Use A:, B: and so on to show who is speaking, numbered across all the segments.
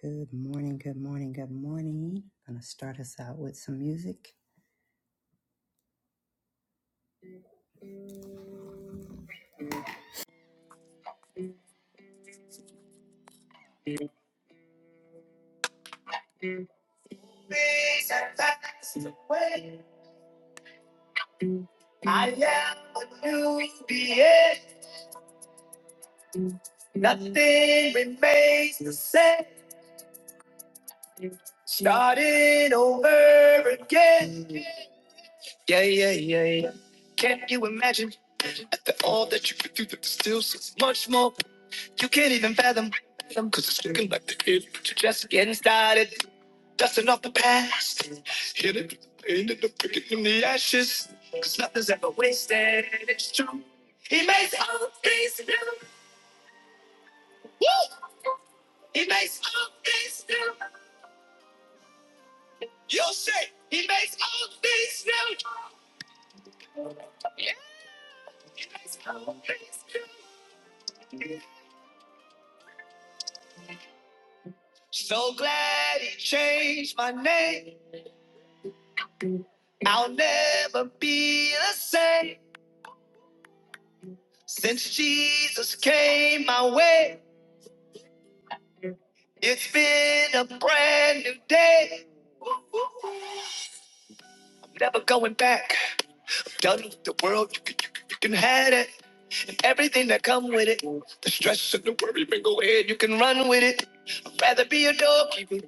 A: Good morning, good morning, good morning. Gonna start us out with some music. Peace and fast away. I am a new being. Nothing remains the same. Starting over again. Yeah, yeah, yeah, yeah. Can you imagine after all that you could do there's still so much more you can't even fathom? Cause it's looking like the end, but you're just getting started. Dusting off the past. Hit it, ended up picking from the ashes. Cause nothing's ever wasted. It's true. He makes all things new. Woo! He makes all things new. You'll say, He makes all things new. Yeah. All things new. So glad He changed my name. I'll never be the same. Since Jesus came my way, it's been a brand new day. Ooh, ooh, ooh. Never going back. Done with the world. You can, you, can- have it. Everything that come with it. The stress and the worry, man, go ahead. You can run with it. I'd rather be a doorkeeper.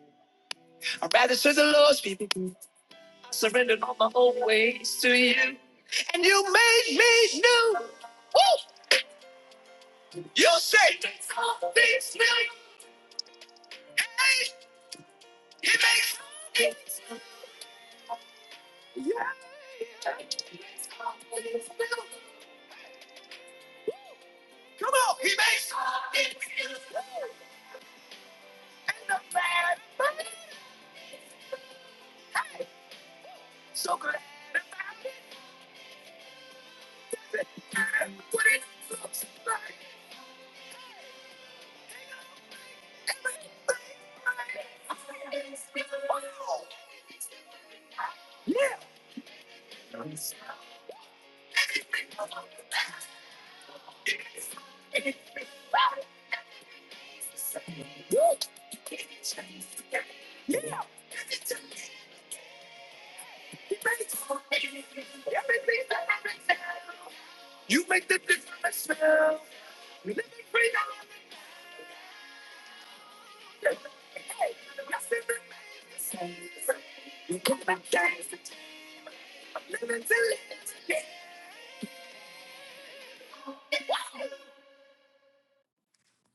A: I'd rather serve the Lord's people. I surrendered all my old ways to you. And you made me new. Woo! You say things will change. He makes it. Come on, he makes it.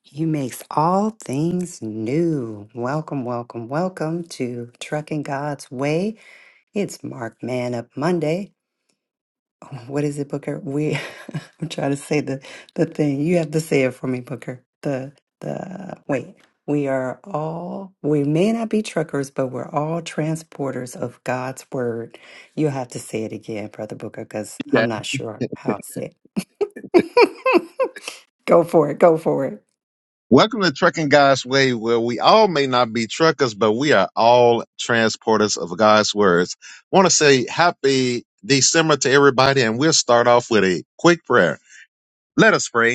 A: He makes all things new. Welcome, welcome, welcome to Trucking God's Way. It's Mark Man Up Monday. Oh, What is it, Booker? We I'm trying to say the the thing. You have to say it for me, Booker. The the wait. We are all we may not be truckers, but we're all transporters of God's word. You'll have to say it again, Brother Booker, because
B: that.
A: I'm not sure how it's said. go for it. Go for it.
B: Welcome to Trucking God's Way, where we all may not be truckers, but we are all transporters of God's words. want to say happy December to everybody, and we'll start off with a quick prayer. Let us pray.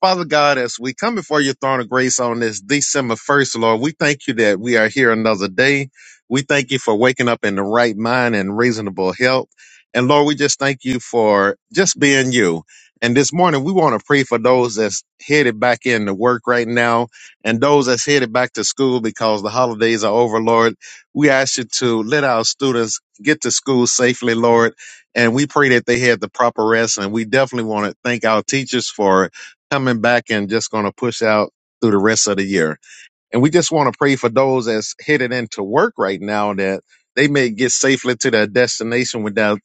B: Father God, as we come before your throne of grace on this December 1st, Lord, we thank you that we are here another day. We thank you for waking up in the right mind and reasonable health. And Lord, we just thank you for just being you. And this morning, we want to pray for those that's headed back into work right now and those that's headed back to school because the holidays are over, Lord. We ask you to let our students get to school safely, Lord. And we pray that they had the proper rest. And we definitely want to thank our teachers for coming back and just going to push out through the rest of the year. And we just want to pray for those that's headed into work right now that they may get safely to their destination without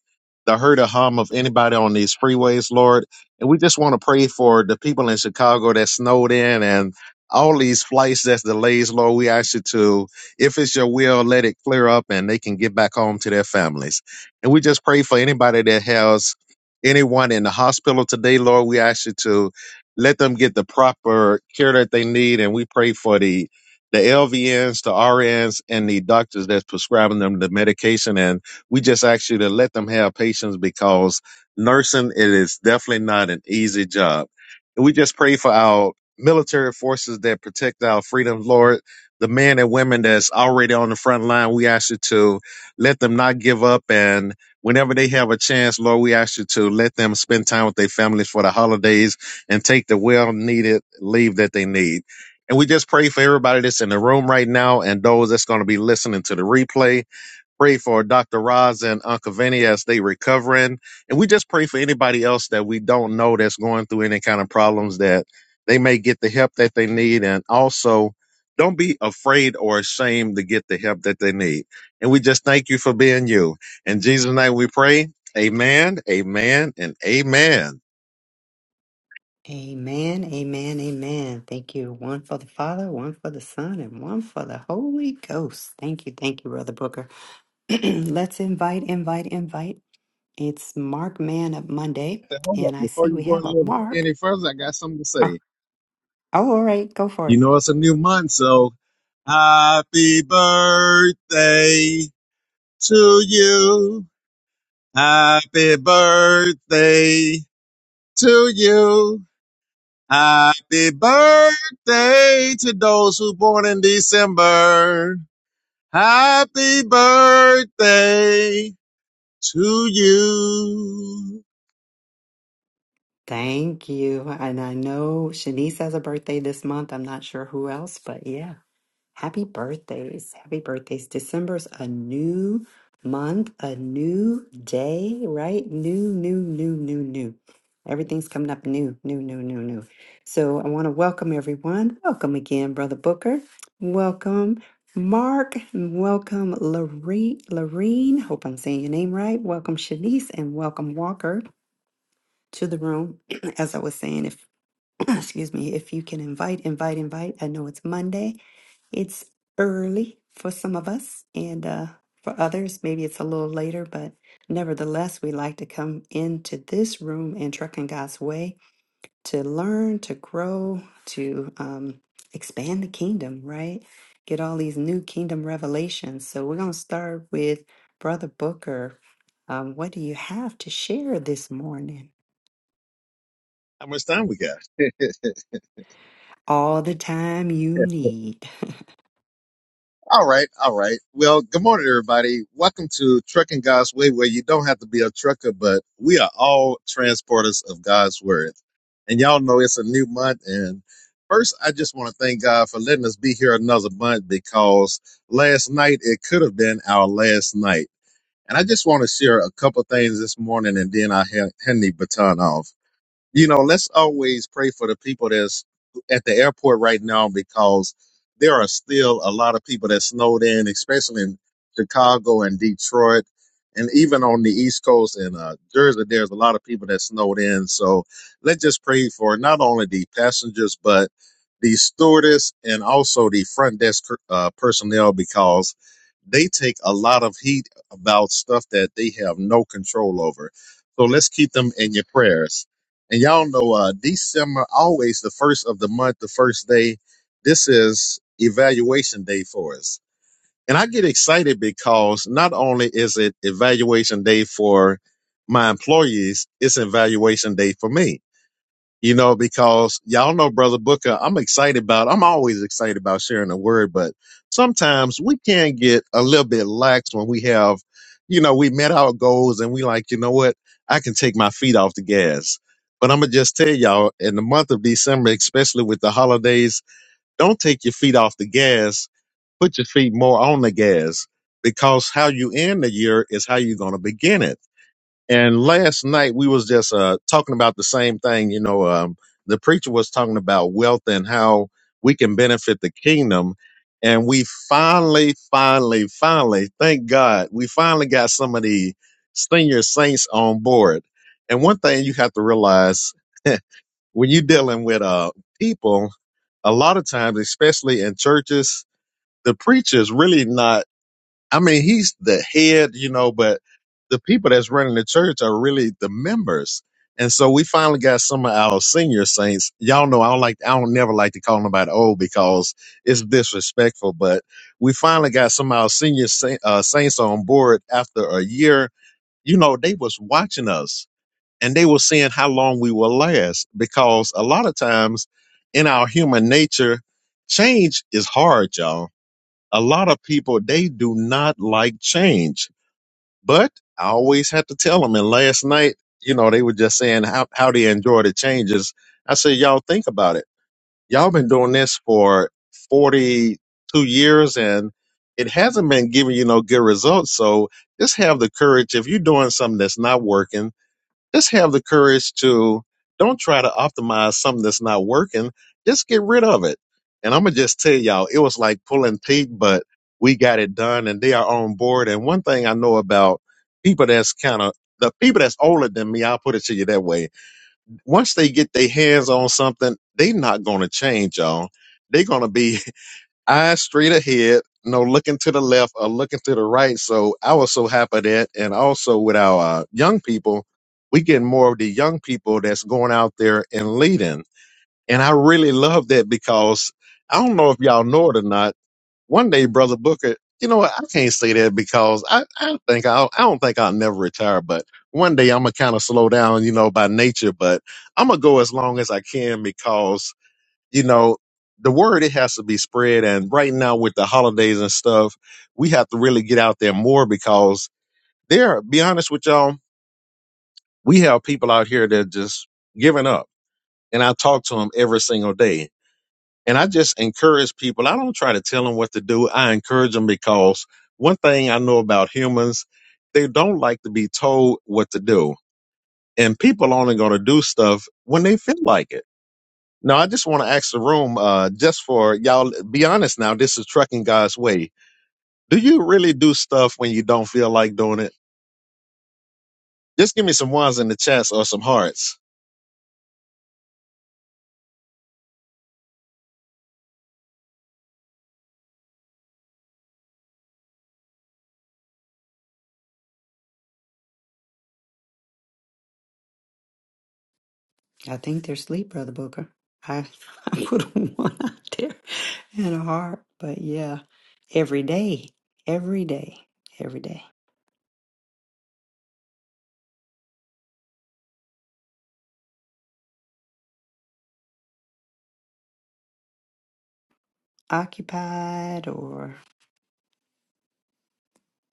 B: the hurt or harm of anybody on these freeways, Lord. And we just want to pray for the people in Chicago that snowed in and all these flights that's delays, Lord. We ask you to, if it's your will, let it clear up and they can get back home to their families. And we just pray for anybody that has anyone in the hospital today, Lord. We ask you to let them get the proper care that they need. And we pray for the the LVNs, the RNs, and the doctors that's prescribing them the medication. And we just ask you to let them have patience because nursing it is definitely not an easy job. And we just pray for our military forces that protect our freedoms, Lord. The men and women that's already on the front line, we ask you to let them not give up. And whenever they have a chance, Lord, we ask you to let them spend time with their families for the holidays and take the well needed leave that they need. And we just pray for everybody that's in the room right now and those that's going to be listening to the replay. Pray for Dr. Roz and Uncle Vinny as they recovering. And we just pray for anybody else that we don't know that's going through any kind of problems that they may get the help that they need. And also don't be afraid or ashamed to get the help that they need. And we just thank you for being you. In Jesus' name we pray. Amen, amen, and amen.
A: Amen. Amen. Amen. Thank you. One for the Father, one for the Son, and one for the Holy Ghost. Thank you. Thank you, Brother Booker. Let's invite, invite, invite. It's Mark Man of Monday,
B: Hold up.
A: and I
B: Before
A: see
B: you
A: we
B: go
A: have a Mark.
B: any further, I got something to
A: Oh,
B: say.
A: oh, all right, go for
B: You
A: it.
B: know, it's a new month, so happy birthday to you. Happy birthday to you. Happy birthday to those who born in December. Happy birthday to you.
A: Thank you. And I know Shanice has a birthday this month. I'm not sure who else, but yeah. Happy birthdays. Happy birthdays. December's a new month, a new day, right? New, new, new, new, new. Everything's coming up new, new, new, new, new. So I want to welcome everyone. Welcome again, Brother Booker. Welcome, Mark. Welcome, Lorene. Lorene. Hope I'm saying your name right. Welcome, Shanice, and welcome, Walker, to the room. As I was saying, if excuse me, if you can invite, invite, invite. I know it's Monday it's early for some of us, and uh, for others, maybe it's a little later, but nevertheless, we like to come into this room and truck in God's way to learn, to grow, to um, expand the kingdom, right? Get all these new kingdom revelations. So we're going to start with Brother Booker. Um, what do you have to share this morning?
B: How much time we got?
A: All the time you need.
B: All right, all right. Well, good morning, everybody. Welcome to Trucking God's Way, where you don't have to be a trucker, but we are all transporters of God's Word. And y'all know it's a new month. And first, I just want to thank God for letting us be here another month because last night it could have been our last night. And I just want to share a couple things this morning and then I hand hand the baton off you know, let's always pray for the people that's at the airport right now because there are still a lot of people that snowed in, especially in Chicago and Detroit, and even on the East Coast and uh, Jersey. There's a lot of people that snowed in, so let's just pray for not only the passengers but the stewardess and also the front desk uh, personnel because they take a lot of heat about stuff that they have no control over. So let's keep them in your prayers. And y'all know uh December always the first of the month, the first day. This is evaluation day for us. And I get excited because not only is it evaluation day for my employees, it's evaluation day for me you know, because y'all know, Brother Booker, I'm excited about, I'm always excited about sharing the word, but sometimes we can get a little bit lax when we have, you know, we met our goals and we like, you know what, I can take my feet off the gas. But I'm going to just tell y'all, in the month of December, especially with the holidays, don't take your feet off the gas. Put your feet more on the gas because how you end the year is how you're going to begin it. And last night we was just uh, talking about the same thing. You know, um, the preacher was talking about wealth and how we can benefit the kingdom. And we finally, finally, finally, thank God, we finally got some of the senior saints on board. And one thing you have to realize when you're dealing with uh, people, a lot of times, especially in churches, the preacher is really not. I mean, he's the head, you know, but the people that's running the church are really the members. And so we finally got some of our senior saints. Y'all know I don't like I don't never like to call nobody old because it's disrespectful. But we finally got some of our senior sa- uh, saints on board after a year. You know, they was watching us and they were seeing how long we will last because a lot of times in our human nature, change is hard, y'all a lot of people they do not like change but i always had to tell them and last night you know they were just saying how, how they enjoy the changes i said y'all think about it y'all been doing this for 42 years and it hasn't been giving you no good results so just have the courage if you're doing something that's not working just have the courage to don't try to optimize something that's not working. Just get rid of it. And I'm gonna just tell y'all, it was like pulling teeth, but we got it done, and they are on board. And one thing I know about people that's kind of the people that's older than me, I'll put it to you that way. Once they get their hands on something, they not gonna change, y'all. They're gonna be eyes straight ahead, no looking to the left or looking to the right. So I was so happy that, and also with our uh, young people, we getting more of the young people that's going out there and leading. And I really love that because I don't know if y'all know it or not. One day, brother Booker, you know what? I can't say that because I, I think I'll, I don't think I'll never retire, but one day I'm gonna kind of slow down, you know, by nature, but I'm gonna go as long as I can because you know, the word it has to be spread. And right now with the holidays and stuff, we have to really get out there more because there, be honest with y'all, we have people out here that just giving up. And I talk to them every single day. And I just encourage people. I don't try to tell them what to do. I encourage them because one thing I know about humans, they don't like to be told what to do. And people only going to do stuff when they feel like it No, I just want to ask the room, uh, just for y'all, be honest now. This is Trucking God's Way. Do you really do stuff when you don't feel like doing it? Just give me some ones in the chats or some hearts.
A: I think they're asleep, Brother Booker. I I put a one out there and a heart, but yeah, every day, every day, every day, occupied or.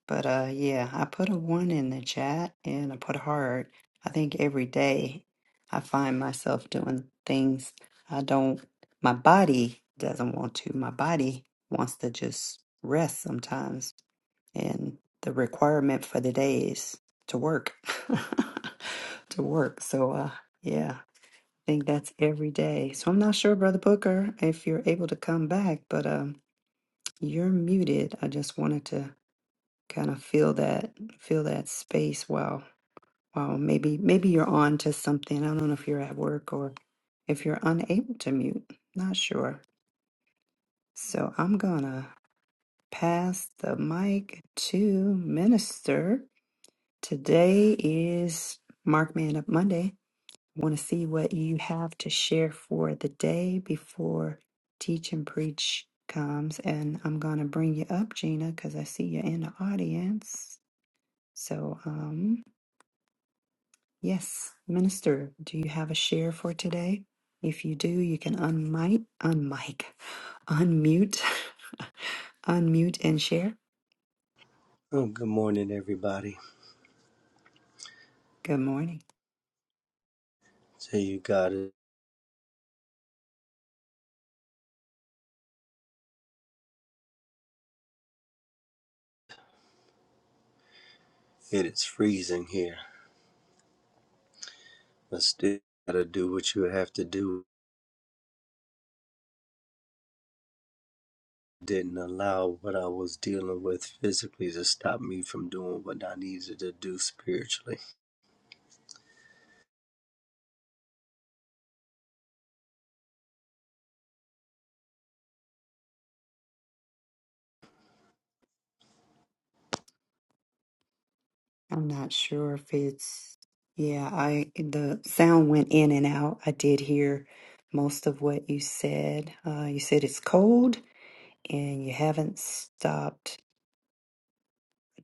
A: But uh, yeah, I put a one in the chat and I put a heart. I think every day I find myself doing things I don't. My body doesn't want to. My body wants to just rest sometimes and the requirement for the day is to work to work so uh yeah i think that's every day so i'm not sure brother booker if you're able to come back but um you're muted i just wanted to kind of feel that feel that space while while maybe maybe you're on to something i don't know if you're at work or if you're unable to mute not sure so i'm gonna pass the mic to minister Today is Mark Man Up Monday. I want to see what you have to share for the day before Teach and Preach comes. And I'm going to bring you up, Gina, because I see you're in the audience. So, um, yes, Minister, do you have a share for today? If you do, you can unmic, unmic, unmute, unmute and share.
C: Oh, good morning, everybody.
A: Good morning.
C: Tell you, God, it is freezing here, but still gotta do what you have to do. Didn't allow what I was dealing with physically to stop me from doing what I needed to do spiritually.
A: I'm not sure if it's yeah, I the sound went in and out. I did hear most of what you said. Uh, you said it's cold and you haven't stopped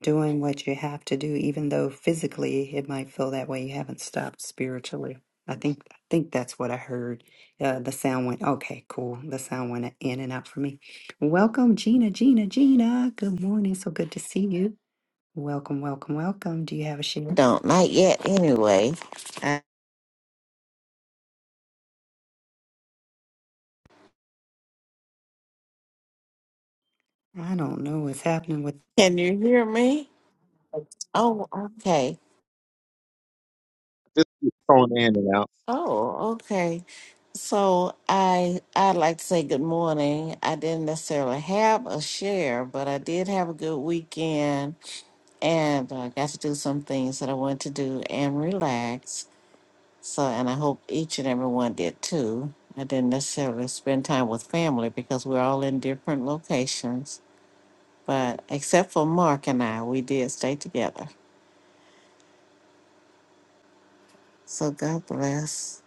A: doing what you have to do, even though physically it might feel that way. You haven't stopped spiritually. I think I think that's what I heard. Uh, the sound went okay, cool. The sound went in and out for me. Welcome, Gina, Gina, Gina. Good morning. So good to see you. Welcome, welcome, welcome. Do you have a
D: I
A: share?
D: don't. Not yet, anyway. Uh,
A: I don't know what's happening with.
D: Can you hear me? Oh, okay.
B: Just keep throwing in and out.
D: Oh, okay. So I I'd like to say good morning. I didn't necessarily have a share, but I did have a good weekend, and I got to do some things that I wanted to do and relax. So, and I hope each and every one did too. I didn't necessarily spend time with family because we're all in different locations, but except for Mark and I, we did stay together. So God bless.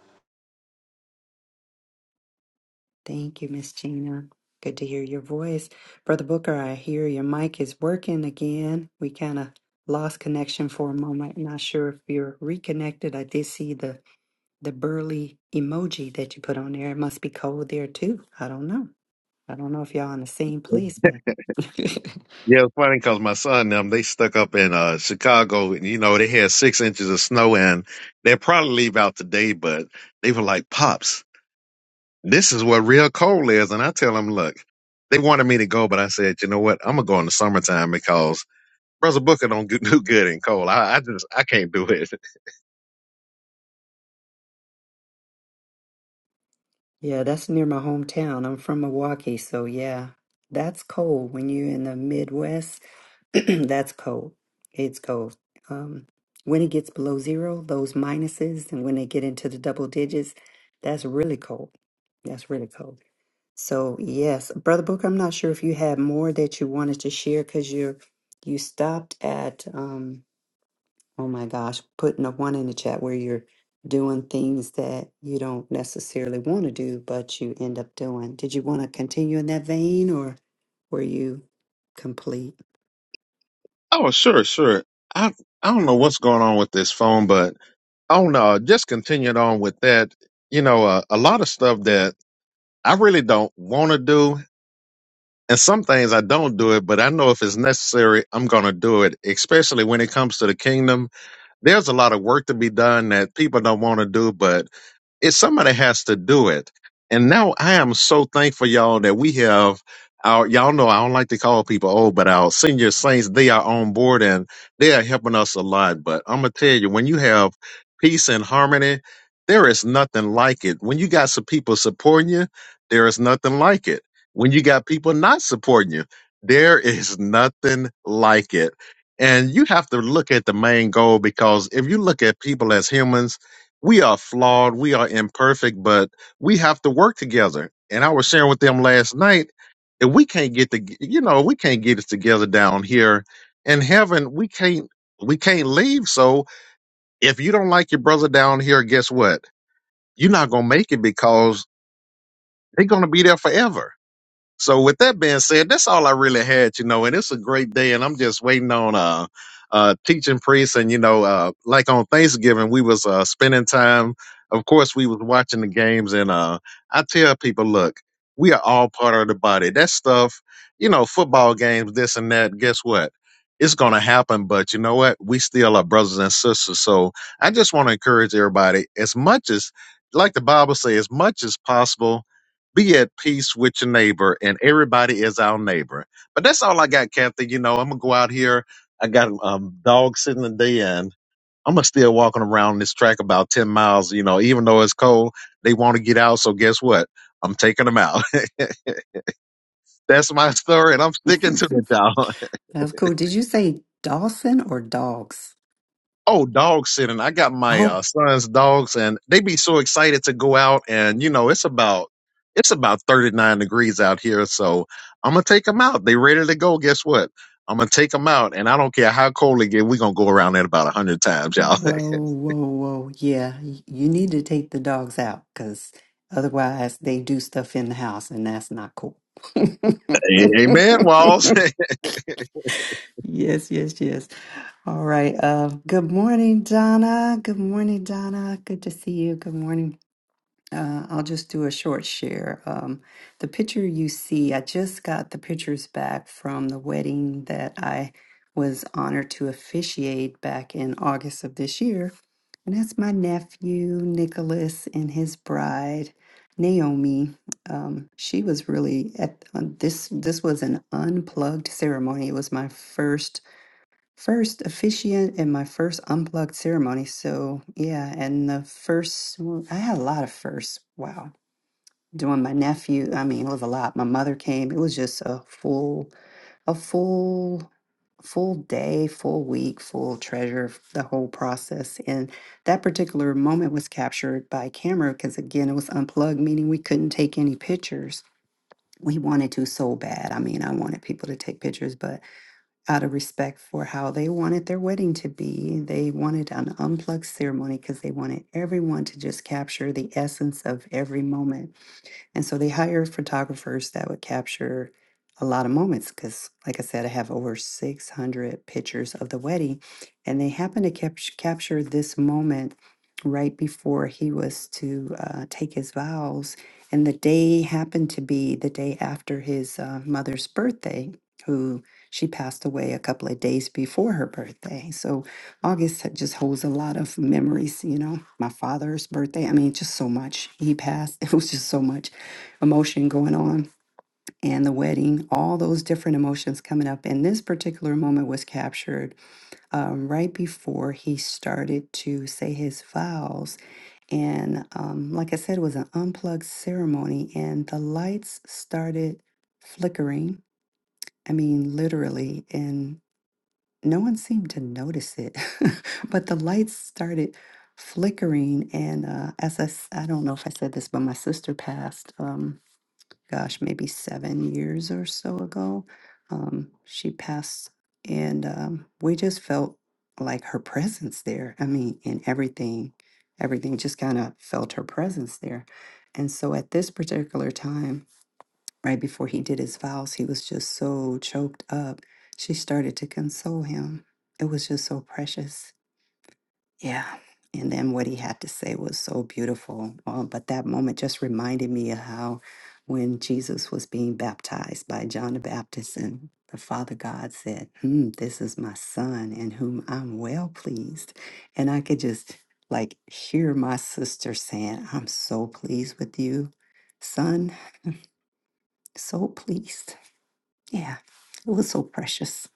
A: Thank you, Miss Gina. Good to hear your voice. Brother Booker, I hear your mic is working again. We kind of lost connection for a moment. Not sure if you're reconnected. I did see the, the burly emoji that you put on there. It must be cold there too. I don't know. I don't know if y'all in the same place, but
B: Yeah, it's funny because my son and them, they stuck up in uh, Chicago and, you know, they had six inches of snow and they'll probably leave out today, but they were like, Pops, this is what real cold is. And I tell them, look, they wanted me to go, but I said, you know what? I'm going to go in the summertime because Brother Booker don't do, do good in cold. I, I just I can't do it.
A: yeah, that's near my hometown. I'm from Milwaukee, so yeah, that's cold when you're in the Midwest That's cold. It's cold. Um, when it gets below zero, those minuses, and when they get into the double digits, that's really cold. That's really cold. So yes, Brother Booker, I'm not sure if you had more that you wanted to share because you're you stopped at um oh my gosh, putting a one in the chat where you're doing things that you don't necessarily want to do, but you end up doing. Did you want to continue in that vein or were you complete?
B: Oh sure, sure. I I don't know what's going on with this phone, but oh no, just continuing on with that. You know, uh, a lot of stuff that I really don't want to do, and some things I don't do it, but I know if it's necessary, I'm gonna do it. Especially when it comes to the kingdom, there's a lot of work to be done that people don't want to do, but It somebody has to do it. And now I am so thankful, y'all, that we have our y'all know I don't like to call people old, but our senior saints, they are on board and they are helping us a lot. But I'm gonna tell you, when you have peace and harmony, there is nothing like it. When you got some people supporting you, there is nothing like it. When you got people not supporting you, there is nothing like it. And you have to look at the main goal because if you look at people as humans, we are flawed, we are imperfect, but we have to work together. And I was sharing with them last night, if we can't get the, you know, we can't get it together down here in heaven, we can't, we can't leave. So if you don't like your brother down here, guess what? You're not gonna make it because they're gonna be there forever. So with that being said, that's all I really had, you know, and it's a great day and I'm just waiting on uh uh teaching priests and you know, uh like on Thanksgiving we was uh spending time. Of course we was watching the games and uh I tell people, look, we are all part of the body. That stuff, you know, football games, this and that, guess what? It's gonna happen, but you know what? We still are brothers and sisters. So I just want to encourage everybody as much as like the Bible says, as much as possible be at peace with your neighbor, and everybody is our neighbor. But that's all I got, Kathy. You know, I'm gonna go out here. I got a um dog sitting in the den. I'm gonna still walking around this track about ten miles. You know, even though it's cold, they want to get out. So guess what? I'm taking them out. that's my story, and I'm sticking to it, y'all.
A: That's cool. Did you say Dawson or dogs?
B: Oh, dog sitting. I got my
A: Oh,
B: uh, son's dogs, and they be so excited to go out. And you know, it's about it's about thirty nine degrees out here, so I'm gonna take them out. They ready to go. Guess what? I'm gonna take them out, and I don't care how cold it get. We gonna go around that about a hundred times, y'all.
A: whoa, whoa, whoa. Yeah, y- you need to take the dogs out because otherwise they do stuff in the house and that's not cool.
B: Amen, Walls.
A: Yes, yes, yes. All right. Uh, good morning, Donna. Good morning, Donna. Good to see you. Good morning. Uh, I'll just do a short share. Um, the picture you see, I just got the pictures back from the wedding that I was honored to officiate back in August of this year. And that's my nephew, Nicholas, and his bride, Naomi. Um, she was really at on this, this was an unplugged ceremony. It was my first. First officiant and my first unplugged ceremony. So, yeah, and the first, well, I had a lot of firsts. Wow doing my nephew i mean it was a lot my mother came it was just a full a full full day full week full treasure f- the whole process and that particular moment was captured by camera because again it was unplugged meaning we couldn't take any pictures we wanted to so bad i mean i wanted people to take pictures but out of respect for how they wanted their wedding to be they wanted an unplugged ceremony because they wanted everyone to just capture the essence of every moment and so they hired photographers that would capture a lot of moments because, like I said, I have over 600 pictures of the wedding. And they happened to cap- capture this moment right before he was to uh, take his vows. And the day happened to be the day after his uh, mother's birthday, who she passed away a couple of days before her birthday. So August had- just holds a lot of memories, you know, my father's birthday. I mean, just so much. He passed. It was just so much emotion going on and the wedding, all those different emotions coming up. And this particular moment was captured um, right before he started to say his vows. And um, like I said, it was an unplugged ceremony, and the lights started flickering. I mean, literally, and no one seemed to notice it, but the lights started flickering. And uh, as I, s- I don't know if I said this, but my sister passed. Um, gosh, maybe seven years or so ago. Um, she passed, and um, we just felt like her presence there. I mean, in everything, everything just kind of felt her presence there. And so at this particular time, right before he did his vows, he was just so choked up. She started to console him. It was just so precious yeah. And then what he had to say was so beautiful. Uh, but that moment just reminded me of how when Jesus was being baptized by John the Baptist and the Father God said, hmm, This is my son in whom I'm well pleased. And I could just like hear my sister saying, I'm so pleased with you, son. So pleased. Yeah. It was so precious.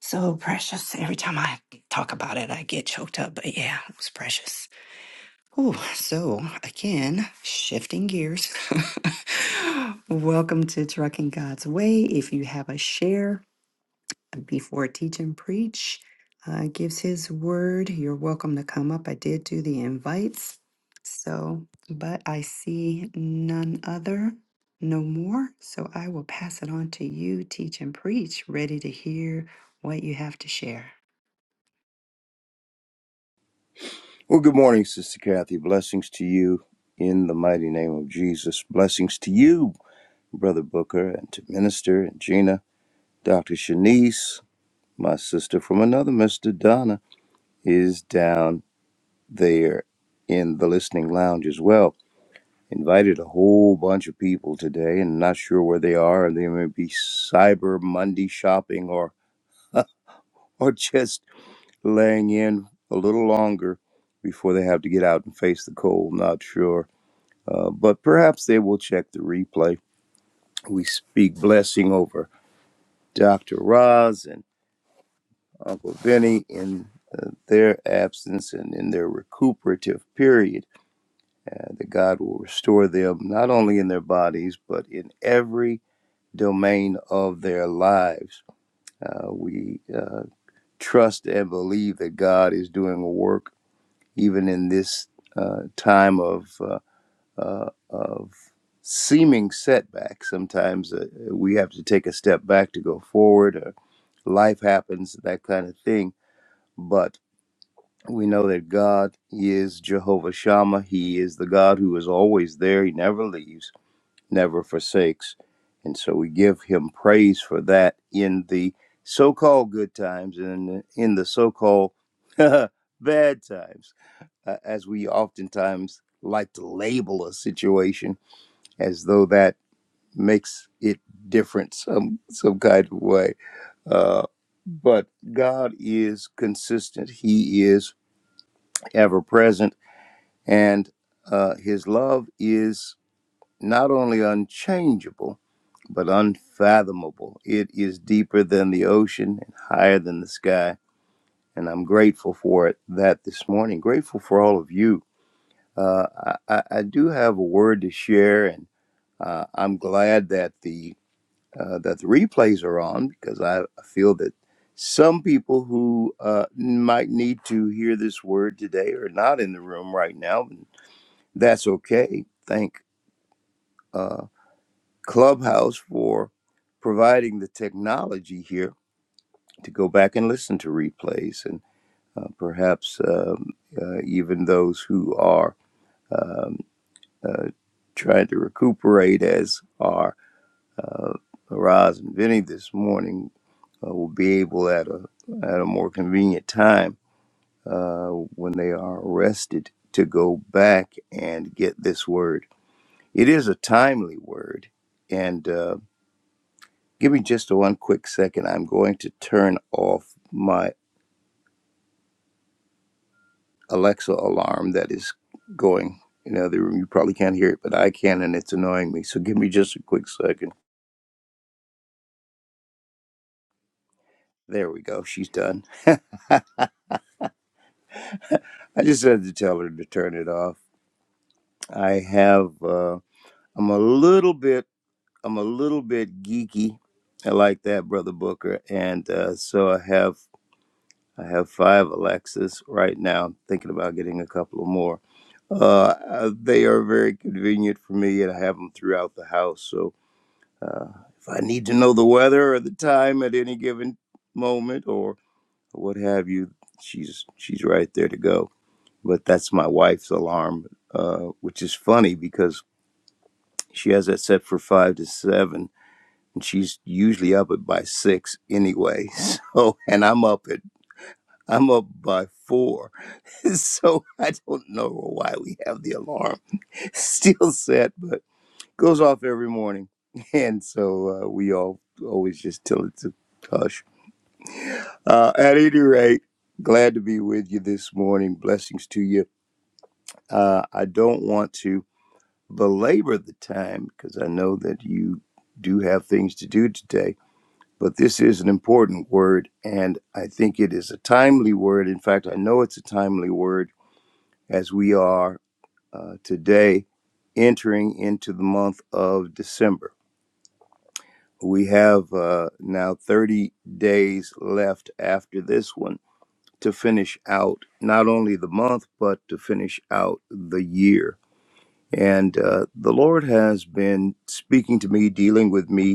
A: So precious. Every time I talk about it, I get choked up. But yeah, it was precious. Ooh, so again, shifting gears. Welcome to Trucking God's Way. If you have a share uh, before Teach and Preach uh, gives his word, you're welcome to come up. I did do the invites. So, but I see none other, no more. So I will pass it on to you, Teach and Preach, ready to hear what you have to share.
E: Well, good morning, Sister Kathy. Blessings to you in the mighty name of Jesus. Blessings to you, Brother Booker, and to Minister and Gina. Dr. Shanice, my sister from another Mr. Donna, is down there in the listening lounge as well. Invited a whole bunch of people today and not sure where they are. They may be Cyber Monday shopping or, or just laying in a little longer before they have to get out and face the cold. Not sure Uh, but perhaps they will check the replay. We speak blessing over Dr. Roz and Uncle Vinny in uh, their absence and in their recuperative period, uh, that God will restore them not only in their bodies, but in every domain of their lives. Uh, we uh, trust and believe that God is doing a work even in this uh, time of. Uh, uh, of seeming setbacks. Sometimes uh, we have to take a step back to go forward, or life happens, that kind of thing. But we know that God is Jehovah Shammah. He is the God who is always there. He never leaves, never forsakes. And so we give him praise for that in the so called good times and in the so called bad times, uh, as we oftentimes like to label a situation as though that makes it different some some kind of way. Uh, but God is consistent. He is ever present, and uh, His love is not only unchangeable but unfathomable. It is deeper than the ocean and higher than the sky. And I'm grateful for it that this morning. Grateful for all of you. Uh, I, I I do have a word to share, and uh, I'm glad that the uh, that the replays are on because I feel that some people who uh, might need to hear this word today are not in the room right now. And that's okay. Thank uh, Clubhouse for providing the technology here to go back and listen to replays and uh, perhaps um, uh, even those who are um, uh, trying to recuperate as are uh, Raz and Vinny this morning uh, will be able at a at a more convenient time uh, when they are arrested to go back and get this word. It is a timely word, and uh, give me just one quick second. I'm going to turn off my Alexa alarm that is going in the other room. You probably can't hear it, but I can, and it's annoying me. So give me just a quick second. There we go. She's done. I just had to tell her to turn it off. I have. Uh, I'm a little bit I'm a little bit geeky. I like that, brother Booker, and uh, so I have I have five Alexas right now. I'm thinking about getting a couple of more. Uh, uh, they are very convenient for me, and I have them throughout the house. So uh, if I need to know the weather or the time at any given moment or what have you, she's she's right there to go. But that's my wife's alarm, uh, which is funny because she has that set for five to seven and she's usually up at by six anyway. So, and I'm up at I'm up by four. So I don't know why we have the alarm still set, but goes off every morning, and so uh, we all always just tell it to hush. Uh, at any rate, glad to be with you this morning. Blessings to you. Uh, I don't want to belabor the time because I know that you do have things to do today but this is an important word, and I think it is a timely word. In fact, I know it's a timely word as we are uh, today entering into the month of December. We have uh, now 30 days left after this one to finish out not only the month, but to finish out the year. And uh, the Lord has been speaking to me, dealing with me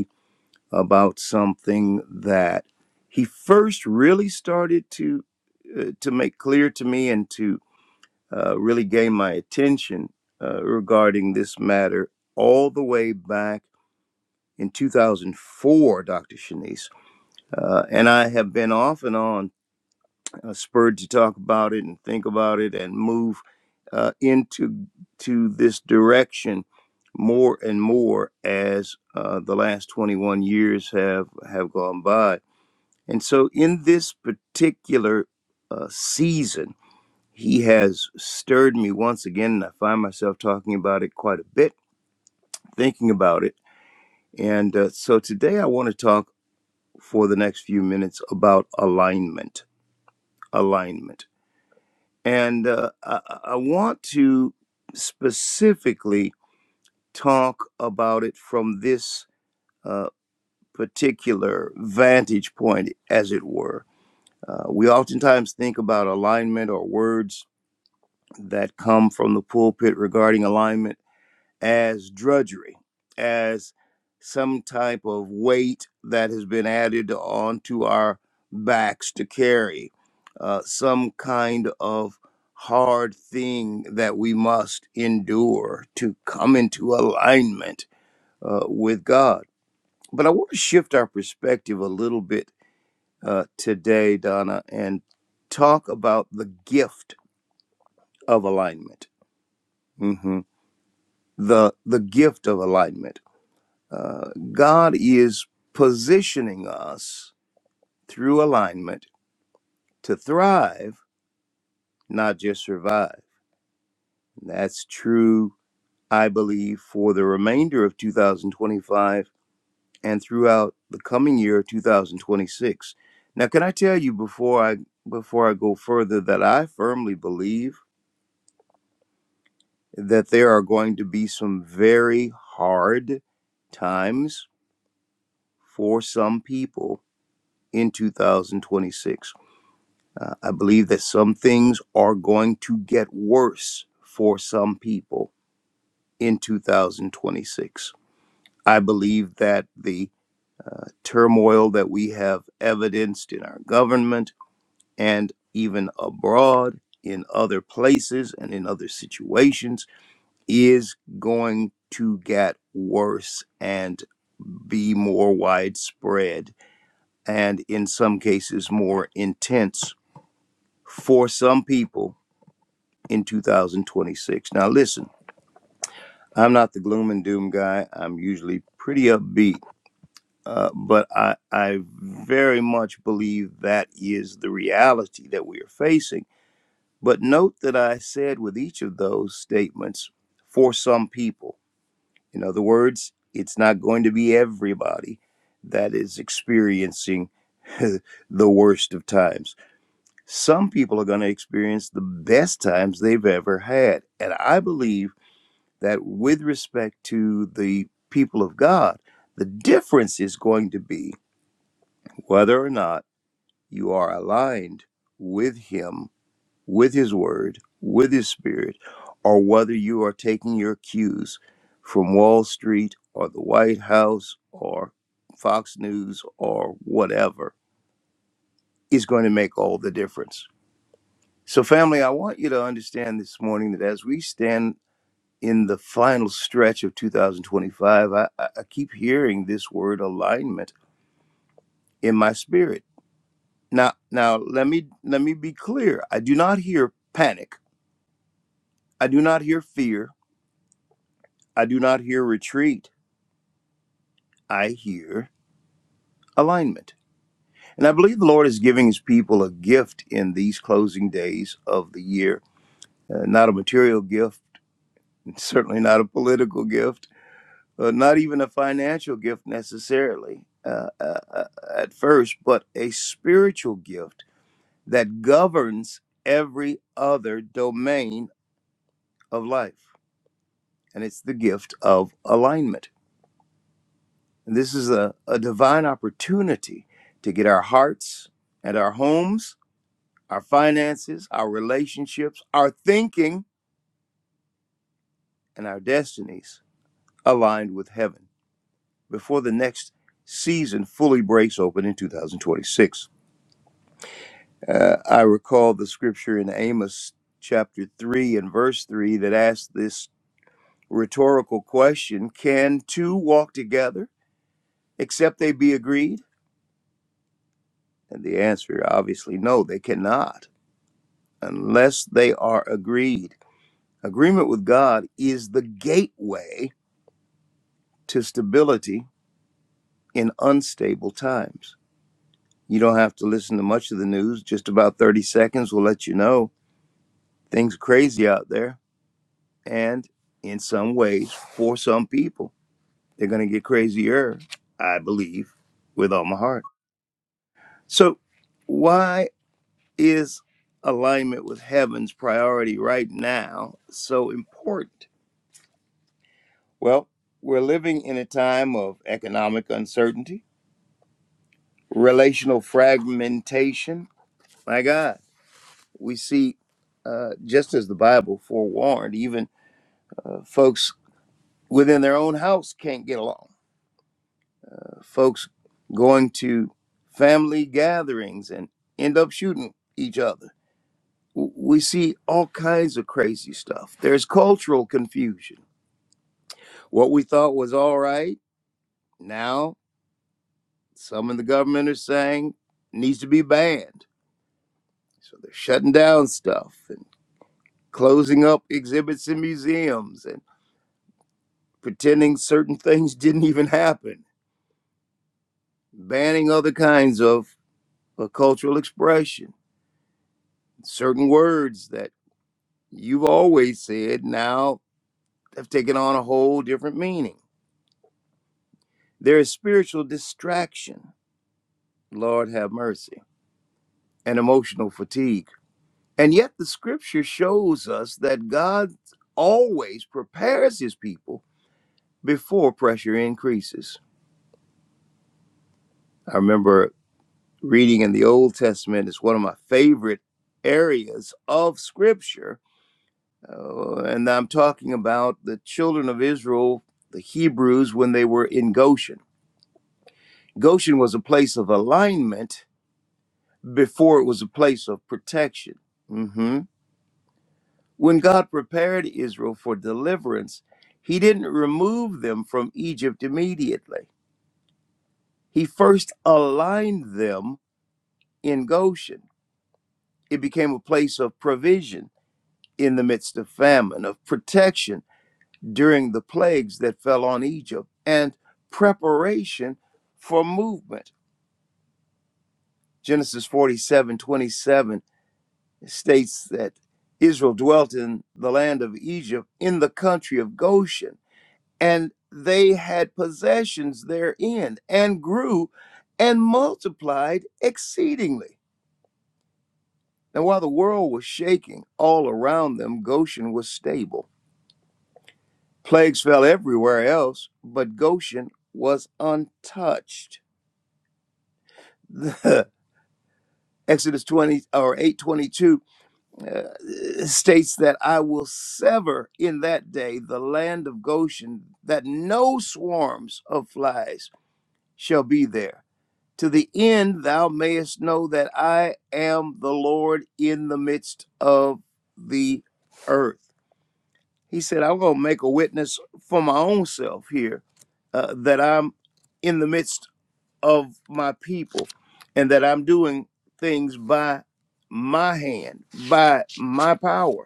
E: about something that he first really started to uh, to make clear to me and to uh, really gain my attention uh, regarding this matter all the way back in 2004, Dr. Shanice. Uh, and I have been off and on uh, spurred to talk about it and think about it and move uh, into to this direction more and more as uh, the last 21 years have have gone by and so, in this particular uh, season, he has stirred me once again, and I find myself talking about it quite a bit, thinking about it. And uh, so, today I want to talk for the next few minutes about alignment. Alignment. And uh, I, I I want to specifically talk about it from this uh, particular vantage point, as it were. Uh, we oftentimes think about alignment or words that come from the pulpit regarding alignment as drudgery, as some type of weight that has been added onto our backs to carry, uh, some kind of hard thing that we must endure to come into alignment uh, with God. But I want to shift our perspective a little bit uh, today, Donna, and talk about the gift of alignment. Mm-hmm. the the gift of alignment. Uh, God is positioning us through alignment to thrive, not just survive. That's true, I believe, for the remainder of 2025 and throughout the coming year, 2026. Now, can I tell you before I before I go further that I firmly believe that there are going to be some very hard times for some people in 2026. Uh, I believe that some things are going to get worse for some people in 2026. I believe that the turmoil that we have evidenced in our government and even abroad in other places and in other situations is going to get worse and be more widespread and in some cases more intense for some people in 2026. Now, listen, I'm not the gloom and doom guy. I'm usually pretty upbeat, uh, but I, I very much believe that is the reality that we are facing. But note that I said with each of those statements, for some people. In other words, it's not going to be everybody that is experiencing the worst of times some people are going to experience the best times they've ever had. And I believe that with respect to the people of God, the difference is going to be whether or not you are aligned with Him, with His Word, with His Spirit, or whether you are taking your cues from Wall Street or the White House or Fox News or whatever is going to make all the difference So, family, I want you to understand this morning that as we stand in the final stretch of 2025, I, I I keep hearing this word alignment in my spirit. Now, now let me let me be clear. I do not hear panic. I do not hear fear. I do not hear retreat. I hear alignment. And I believe the Lord is giving his people a gift in these closing days of the year. Uh, not a material gift, certainly not a political gift uh, not even a financial gift necessarily uh, uh, uh, at first, but a spiritual gift that governs every other domain of life. And it's the gift of alignment. And this is a, a divine opportunity to get our hearts and our homes, our finances, our relationships, our thinking, and our destinies aligned with heaven before the next season fully breaks open in 2026. Uh, I recall the scripture in Amos chapter 3 and verse 3 that asks this rhetorical question Can two walk together except they be agreed? And the answer, obviously, no, they cannot unless they are agreed. Agreement with God is the gateway to stability in unstable times. You don't have to listen to much of the news, just about 30 seconds will let you know things are crazy out there And in some ways, for some people, they're going to get crazier, I believe, with all my heart. So, why is alignment with heaven's priority right now so important? Well, we're living in a time of economic uncertainty, relational fragmentation. My God, we see, uh, just as the Bible forewarned, even uh, folks within their own house can't get along folks going to family gatherings and end up shooting each other. We see all kinds of crazy stuff. There's cultural confusion. What we thought was all right, now some in the government are saying needs to be banned. So they're shutting down stuff and closing up exhibits in museums and pretending certain things didn't even happen, banning other kinds of uh, cultural expression, certain words that you've always said now have taken on a whole different meaning. There is spiritual distraction, Lord have mercy, and emotional fatigue. And yet the scripture shows us that God always prepares his people before pressure increases. I remember reading in the Old Testament is one of my favorite areas of scripture. uh, and I'm talking about the children of Israel, the Hebrews, when they were in Goshen Goshen was a place of alignment before it was a place of protection. hmm When God prepared Israel for deliverance, he didn't remove them from Egypt immediately. He first aligned them in Goshen. It became a place of provision in the midst of famine, of protection during the plagues that fell on Egypt, and preparation for movement. Genesis 47:27 states that Israel dwelt in the land of Egypt, in the country of Goshen, and they had possessions therein, and grew and multiplied exceedingly. And while the world was shaking all around them, Goshen was stable. Plagues fell everywhere else, but Goshen was untouched. Exodus 20 or 8:22 uh, states that I will sever in that day the land of Goshen, that no swarms of flies shall be there, to the end thou mayest know that I am the Lord in the midst of the earth. He said, I'm going to make a witness for my own self here uh, that I'm in the midst of my people and that I'm doing things by my hand, by my power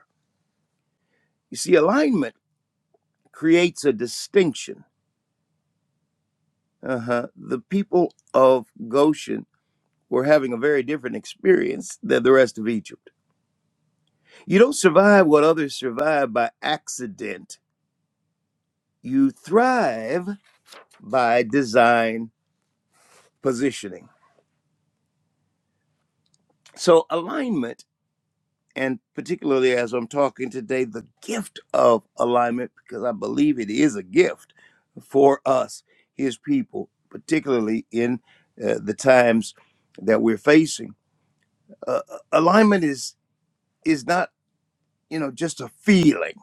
E: You see, alignment creates a distinction. Uh-huh. The people of Goshen were having a very different experience than the rest of Egypt. You don't survive what others survive by accident, you thrive by design positioning. So, alignment. and particularly as I'm talking today, the gift of alignment, because I believe it is a gift for us, His people, particularly in uh, the times that we're facing. Uh, uh, alignment is is not you know just a feeling.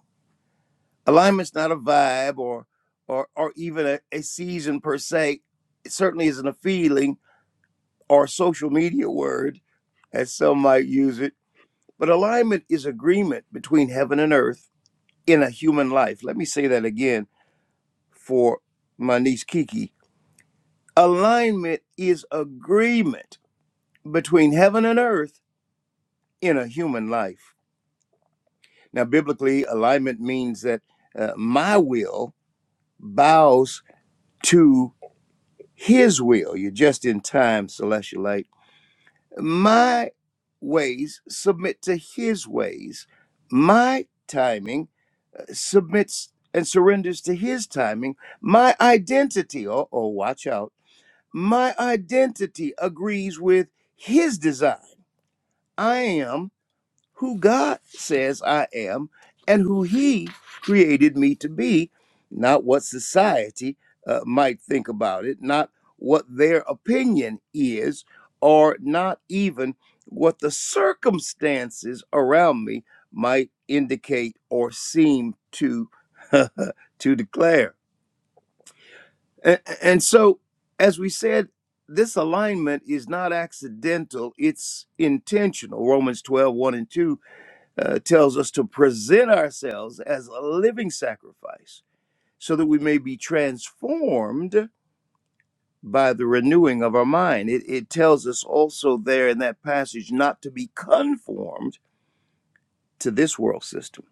E: Alignment's not a vibe or or or even a, a season per se. It certainly isn't a feeling or a social media word as some might use it. But alignment is agreement between heaven and earth in a human life. Let me say that again for my niece Kiki. Alignment is agreement between heaven and earth in a human life. Now, biblically, alignment means that uh, my will bows to his will. You're just in time, Celestial Light. My ways submit to his ways. My timing uh, submits and surrenders to his timing. My identity, oh, oh, watch out My identity agrees with his design. I am who God says I am and who he created me to be, not what society uh, might think about it, not what their opinion is, or not even what the circumstances around me might indicate or seem to to declare. And, and so, as we said, this alignment is not accidental, it's intentional. Romans twelve one and 2 uh, tells us to present ourselves as a living sacrifice so that we may be transformed by the renewing of our mind. It, it tells us also there in that passage not to be conformed to this world system.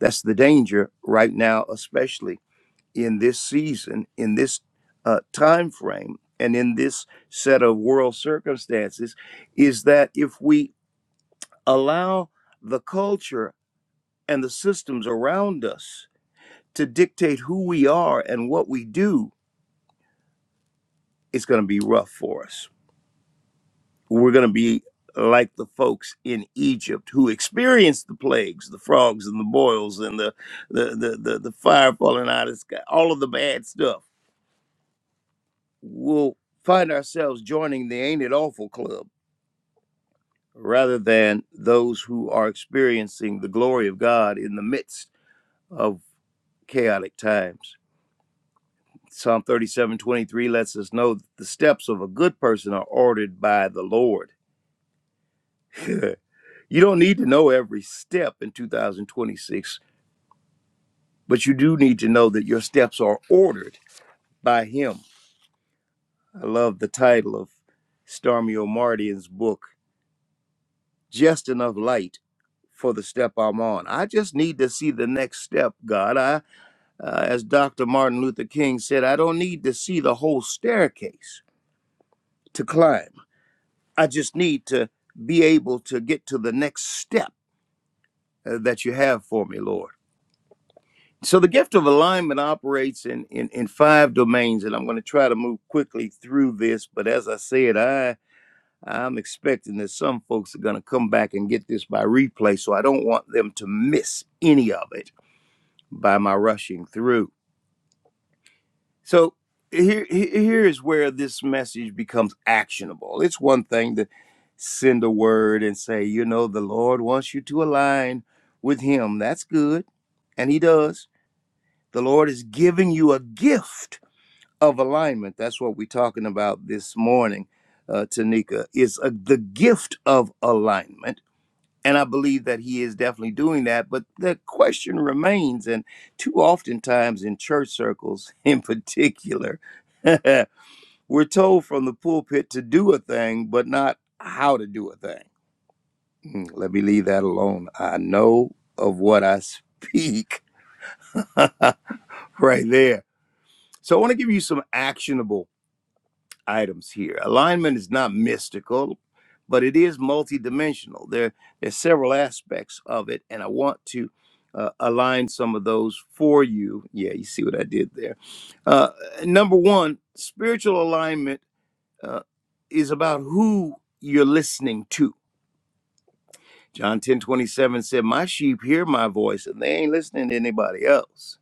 E: That's the danger right now, especially in this season, in this uh, time frame, and in this set of world circumstances is that if we allow the culture and the systems around us to dictate who we are and what we do, it's going to be rough for us. We're going to be like the folks in Egypt who experienced the plagues, the frogs and the boils and the the the, the, the fire falling out of the sky, all of the bad stuff will find ourselves joining the Ain't It Awful Club rather than those who are experiencing the glory of God in the midst of chaotic times. Psalm 37 23 lets us know that the steps of a good person are ordered by the Lord. you don't need to know every step in 2026, but you do need to know that your steps are ordered by Him. I love the title of Stormy Omardian's book, Just Enough Light for the step I'm on. I just need to see the next step, God. I, uh, as Dr. Martin Luther King said, I don't need to see the whole staircase to climb. I just need to be able to get to the next step uh, that you have for me, Lord. So the gift of alignment operates in, in, in five domains, and I'm going to try to move quickly through this. But as I said, I I'm expecting that some folks are going to come back and get this by replay, so I don't want them to miss any of it. by my rushing through. So here, here is where this message becomes actionable. It's one thing to send a word and say, you know, the Lord wants you to align with Him. That's good. And He does. The Lord is giving you a gift of alignment. That's what we're talking about this morning, uh, Tanika, is a, the gift of alignment and I believe that he is definitely doing that. But the question remains, and too oftentimes in church circles in particular, we're told from the pulpit to do a thing, but not how to do a thing. Mm, Let me leave that alone. I know of what I speak right there. So I want to give you some actionable items here. Alignment is not mystical, but it is multidimensional. There, there's several aspects of it, and I want to uh, align some of those for you. Yeah, you see what I did there. Uh, number one, spiritual alignment uh, is about who you're listening to. John 10:27 said, My sheep hear my voice, and they ain't listening to anybody else.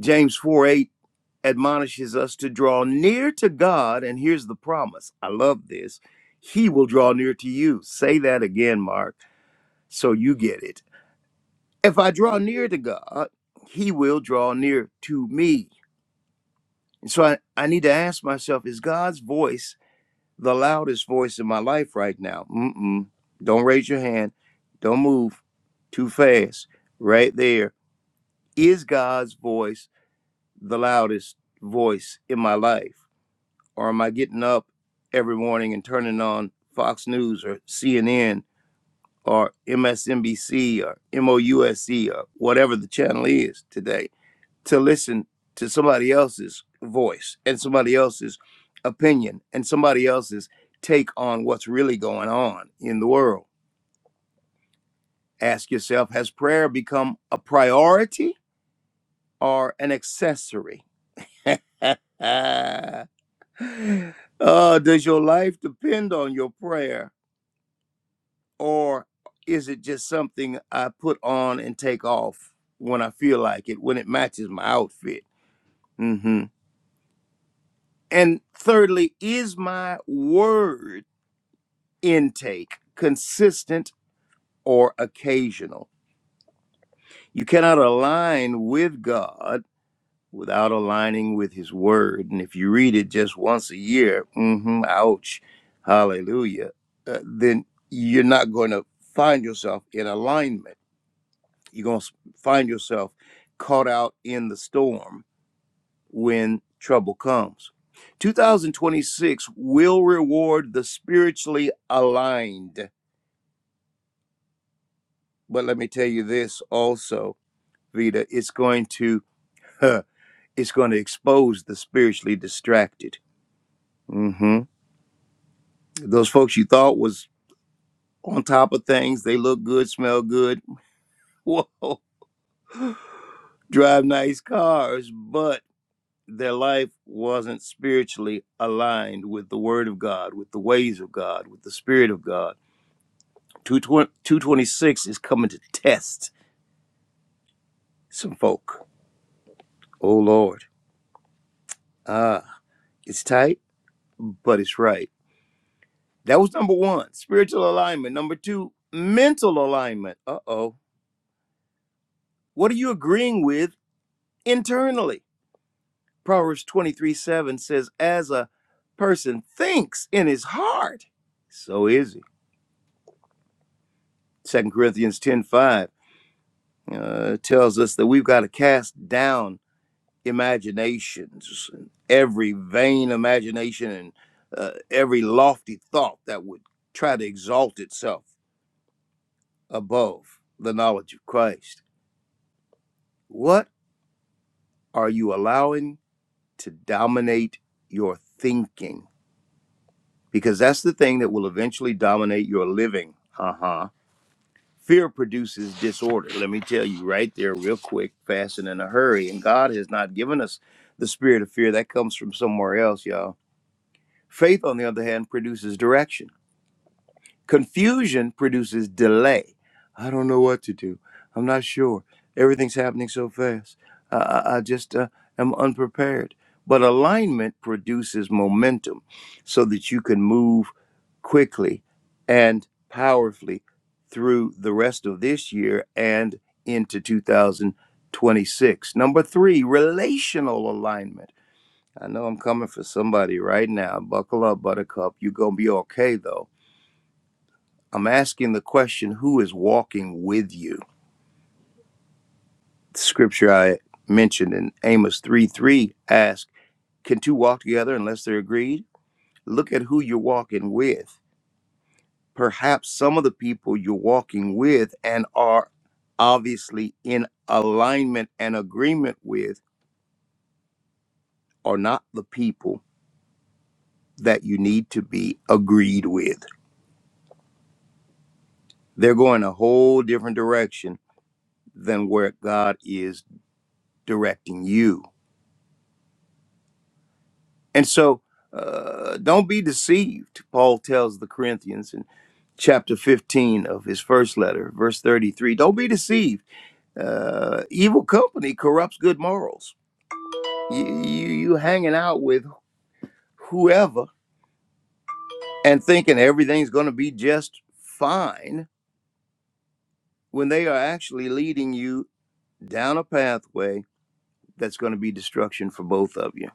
E: James 4:8 admonishes us to draw near to God. And here's the promise I love this. He will draw near to you. Say that again, Mark, so you get it. If I draw near to God, He will draw near to me. And so I, I need to ask myself is God's voice the loudest voice in my life right now? Mm-mm. Don't raise your hand. Don't move too fast. Right there. Is God's voice the loudest voice in my life? or am I getting up every morning and turning on Fox News or CNN or MSNBC or MOUSC or whatever the channel is today to listen to somebody else's voice and somebody else's opinion and somebody else's take on what's really going on in the world? Ask yourself Has prayer become a priority or an accessory? uh, does your life depend on your prayer? or is it just something I put on and take off when I feel like it, when it matches my outfit? hmm And thirdly, is my word intake consistent or occasional? You cannot align with God without aligning with His Word. And if you read it just once a year, hmm ouch, hallelujah, uh, then you're not going to find yourself in alignment you're going to find yourself caught out in the storm when trouble comes. 2026 will reward the spiritually aligned. But let me tell you this also, Vita, it's going to huh, it's going to expose the spiritually distracted. mm hmm Those folks you thought was on top of things, they look good, smell good, whoa, drive nice cars, but their life wasn't spiritually aligned with the word of God, with the ways of God, with the spirit of God. 226 is coming to test some folk. Oh Lord. Ah, it's tight, but it's right. That was number one, spiritual alignment. Number two, mental alignment. Uh oh. What are you agreeing with internally? Proverbs 23 7 says, As a person thinks in his heart, so is he. Second Corinthians ten five. uh, it tells us that we've got to cast down imaginations every vain imagination and uh, every lofty thought that would try to exalt itself above the knowledge of Christ. What are you allowing to dominate your thinking? Because that's the thing that will eventually dominate your living. Huh? Fear produces disorder. Let me tell you right there, real quick, fast and in a hurry. And God has not given us the spirit of fear. That comes from somewhere else, y'all. Faith, on the other hand, produces direction. Confusion produces delay. I don't know what to do. I'm not sure. Everything's happening so fast. I, I, I just uh, am unprepared. But alignment produces momentum so that you can move quickly and powerfully through the rest of this year and into 2026. Number three, relational alignment. I know I'm coming for somebody right now. Buckle up, buttercup. You're going to be okay, though I'm asking the question who is walking with you? The scripture I mentioned in Amos 3 3 asks, Can two walk together unless they're agreed? Look at who you're walking with. Perhaps some of the people you're walking with and are obviously in alignment and agreement with are not the people that you need to be agreed with. They're going a whole different direction than where God is directing you And so uh, don't be deceived, Paul tells the Corinthians in chapter 15 of his first letter, verse 33. Don't be deceived. Uh, evil company corrupts good morals. You, you, you hanging out with whoever and thinking everything's going to be just fine when they are actually leading you down a pathway that's going to be destruction for both of you.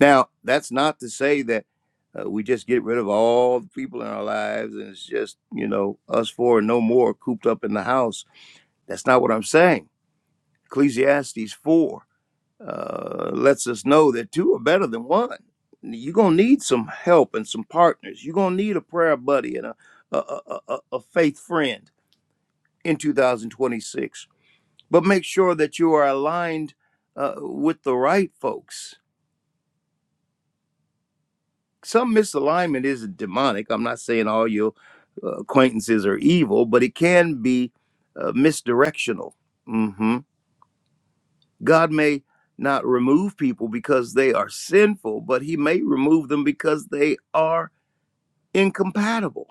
E: Now, that's not to say that uh, we just get rid of all the people in our lives and it's just, you know, us four and no more cooped up in the house. That's not what I'm saying. Ecclesiastes 4 uh, lets us know that two are better than one. You're going to need some help and some partners. You're going to need a prayer buddy and a, a, a, a a faith friend in 2026. But make sure that you are aligned uh, with the right folks some misalignment is demonic. I'm not saying all your uh, acquaintances are evil, but it can be uh, misdirectional. hmm God may not remove people because they are sinful, but He may remove them because they are incompatible.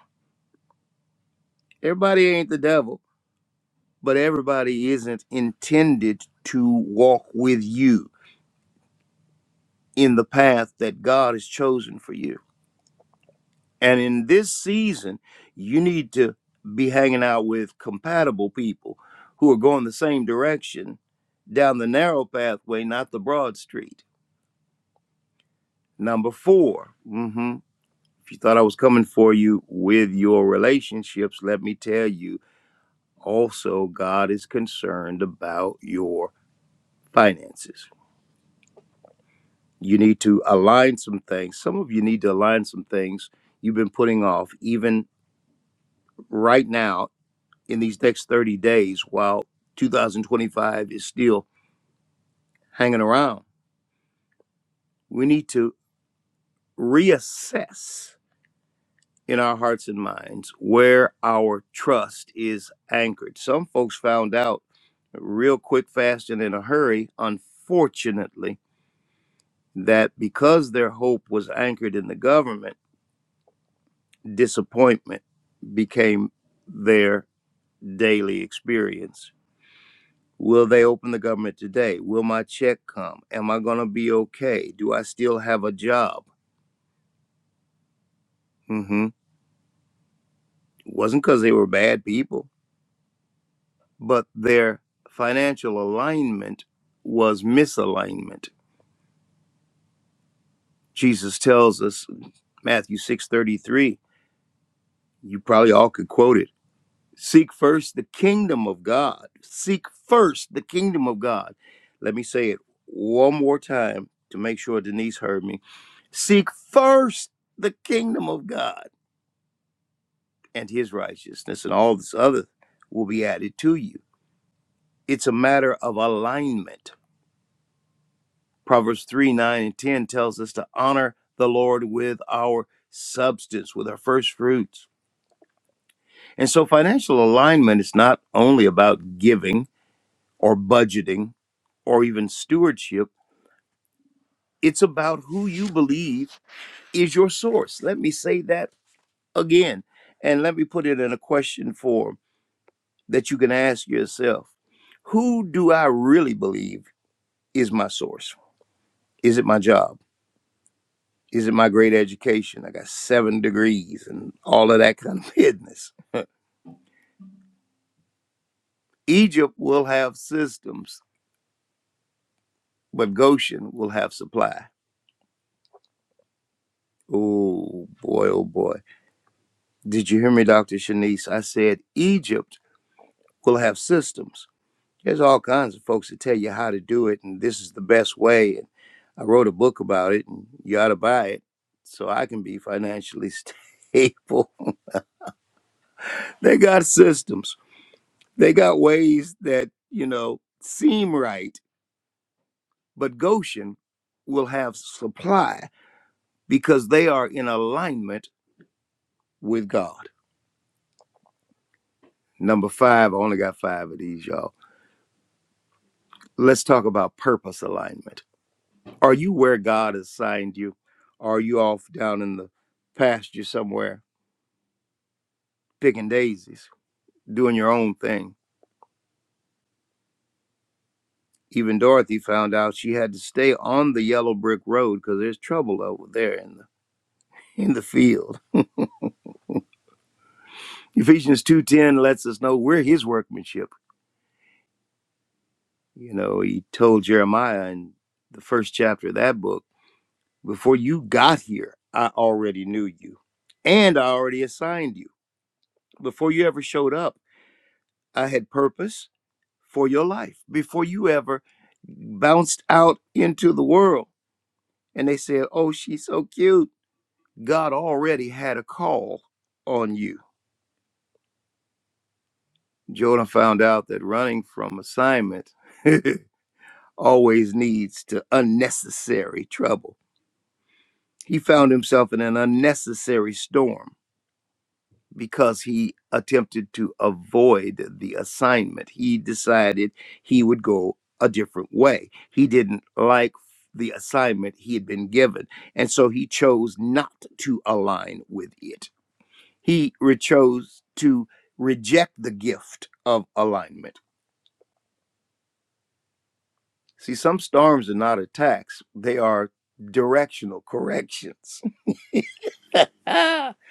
E: Everybody ain't the devil, but everybody isn't intended to walk with you in the path that God has chosen for you. And in this season, you need to be hanging out with compatible people who are going the same direction down the narrow pathway, not the broad street. Number 4 hmm if you thought I was coming for you with your relationships, let me tell you also, God is concerned about your finances. You need to align some things. Some of you need to align some things you've been putting off, even right now in these next 30 days while 2025 is still hanging around. We need to reassess in our hearts and minds where our trust is anchored. Some folks found out real quick, fast, and in a hurry, unfortunately, that because their hope was anchored in the government, disappointment became their daily experience Will they open the government today? Will my check come? Am I going to be okay? Do I still have a job? hmm It wasn't because they were bad people, but their financial alignment was misalignment. Jesus tells us, Matthew 6.33, you probably all could quote it, seek first the kingdom of God. Seek first the kingdom of God. Let me say it one more time to make sure Denise heard me. Seek first the kingdom of God and his righteousness, and all this other will be added to you. It's a matter of alignment. Proverbs 3 9 and 10 tells us to honor the Lord with our substance, with our first fruits. And so, financial alignment is not only about giving or budgeting or even stewardship, it's about who you believe is your source. Let me say that again, and let me put it in a question form that you can ask yourself Who do I really believe? is my source? Is it my job? Is it my great education? I got seven degrees and all of that kind of business. Egypt will have systems, but Goshen will have supply. Oh boy, oh boy. Did you hear me, Dr. Shanice? I said Egypt will have systems. There's all kinds of folks that tell you how to do it, and this is the best way. And I wrote a book about it, and you ought to buy it so I can be financially stable. They got systems They got ways that, you know, seem right, but Goshen will have supply because they are in alignment with God. Number five, I only got five of these, y'all. Let's talk about purpose alignment. Are you where God assigned you? Are you off down in the pasture somewhere, picking daisies, doing your own thing? Even Dorothy found out she had to stay on the yellow brick road because there's trouble over there in the in the fields. Ephesians 2:10 lets us know we're his workmanship. You know, he told Jeremiah in the first chapter of that book, before you got here, I already knew you and I already assigned you. Before you ever showed up, I had purpose for your life. Before you ever bounced out into the world and they said, "Oh, she's so cute." God already had a call on you. Jordan found out that running from assignment always leads to unnecessary trouble. He found himself in an unnecessary storm because he attempted to avoid the assignment. He decided he would go a different way. He didn't like the assignment he had been given, and so he chose not to align with it. He re- chose to reject the gift of alignment. See, some storms are not attacks, they are directional corrections That's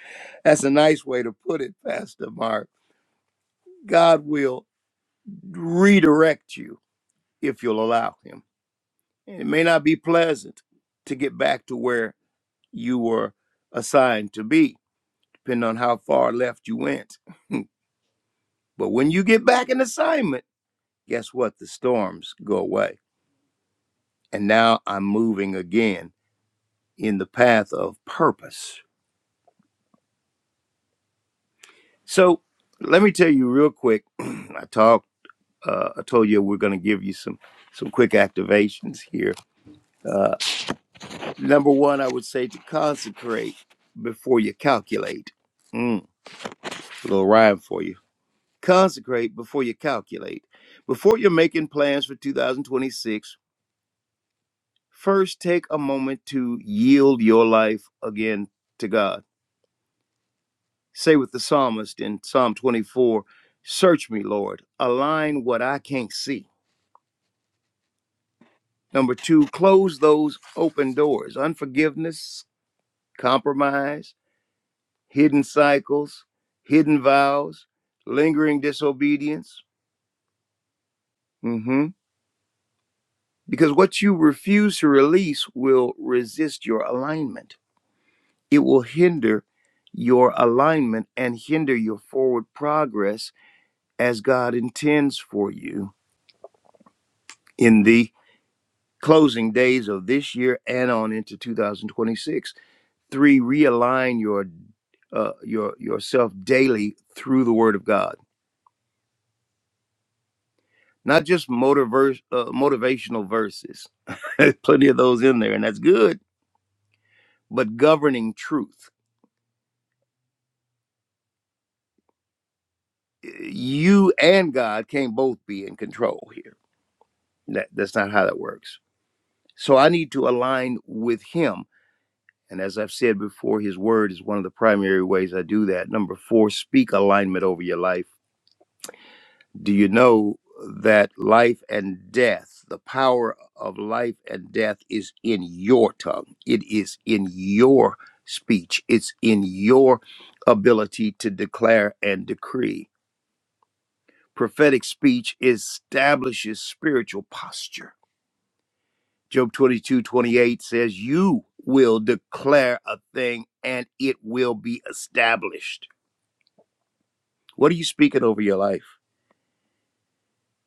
E: a nice way to put it, Pastor Mark. God will redirect you if you'll allow Him. It may not be pleasant to get back to where you were assigned to be, depending on how far left you went. But when you get back in assignment, guess what? The storms go away. And now I'm moving again in the path of purpose. So let me tell you real quick. I talk. uh, I told you we're going to give you some some quick activations here. Uh, number one, I would say to consecrate before you calculate. Mm, a little rhyme for you. Consecrate before you calculate. Before you're making plans for 2026, first take a moment to yield your life again to God. Say with the psalmist in Psalm 24, Search me, Lord, align what I can't see. Number two, close those open doors. Unforgiveness, compromise, hidden cycles, hidden vows, lingering disobedience. hmm Because what you refuse to release will resist your alignment. It will hinder your alignment and hinder your forward progress as God intends for you in the closing days of this year and on into 2026. Three, realign your uh, your yourself daily through the Word of God not just motiverse, uh, motivational verses. Plenty of those in there, and that's good. But governing truth, you and God can't both be in control here. That, that's not how that works. So I need to align with Him, and as I've said before, His Word is one of the primary ways I do that. Number four, speak alignment over your life Do you know that life and death, the power of life and death is in your tongue? It is in your speech, it's in your ability to declare and decree. Prophetic speech establishes spiritual posture. Job 22 28 says, You will declare a thing and it will be established. What are you speaking over your life?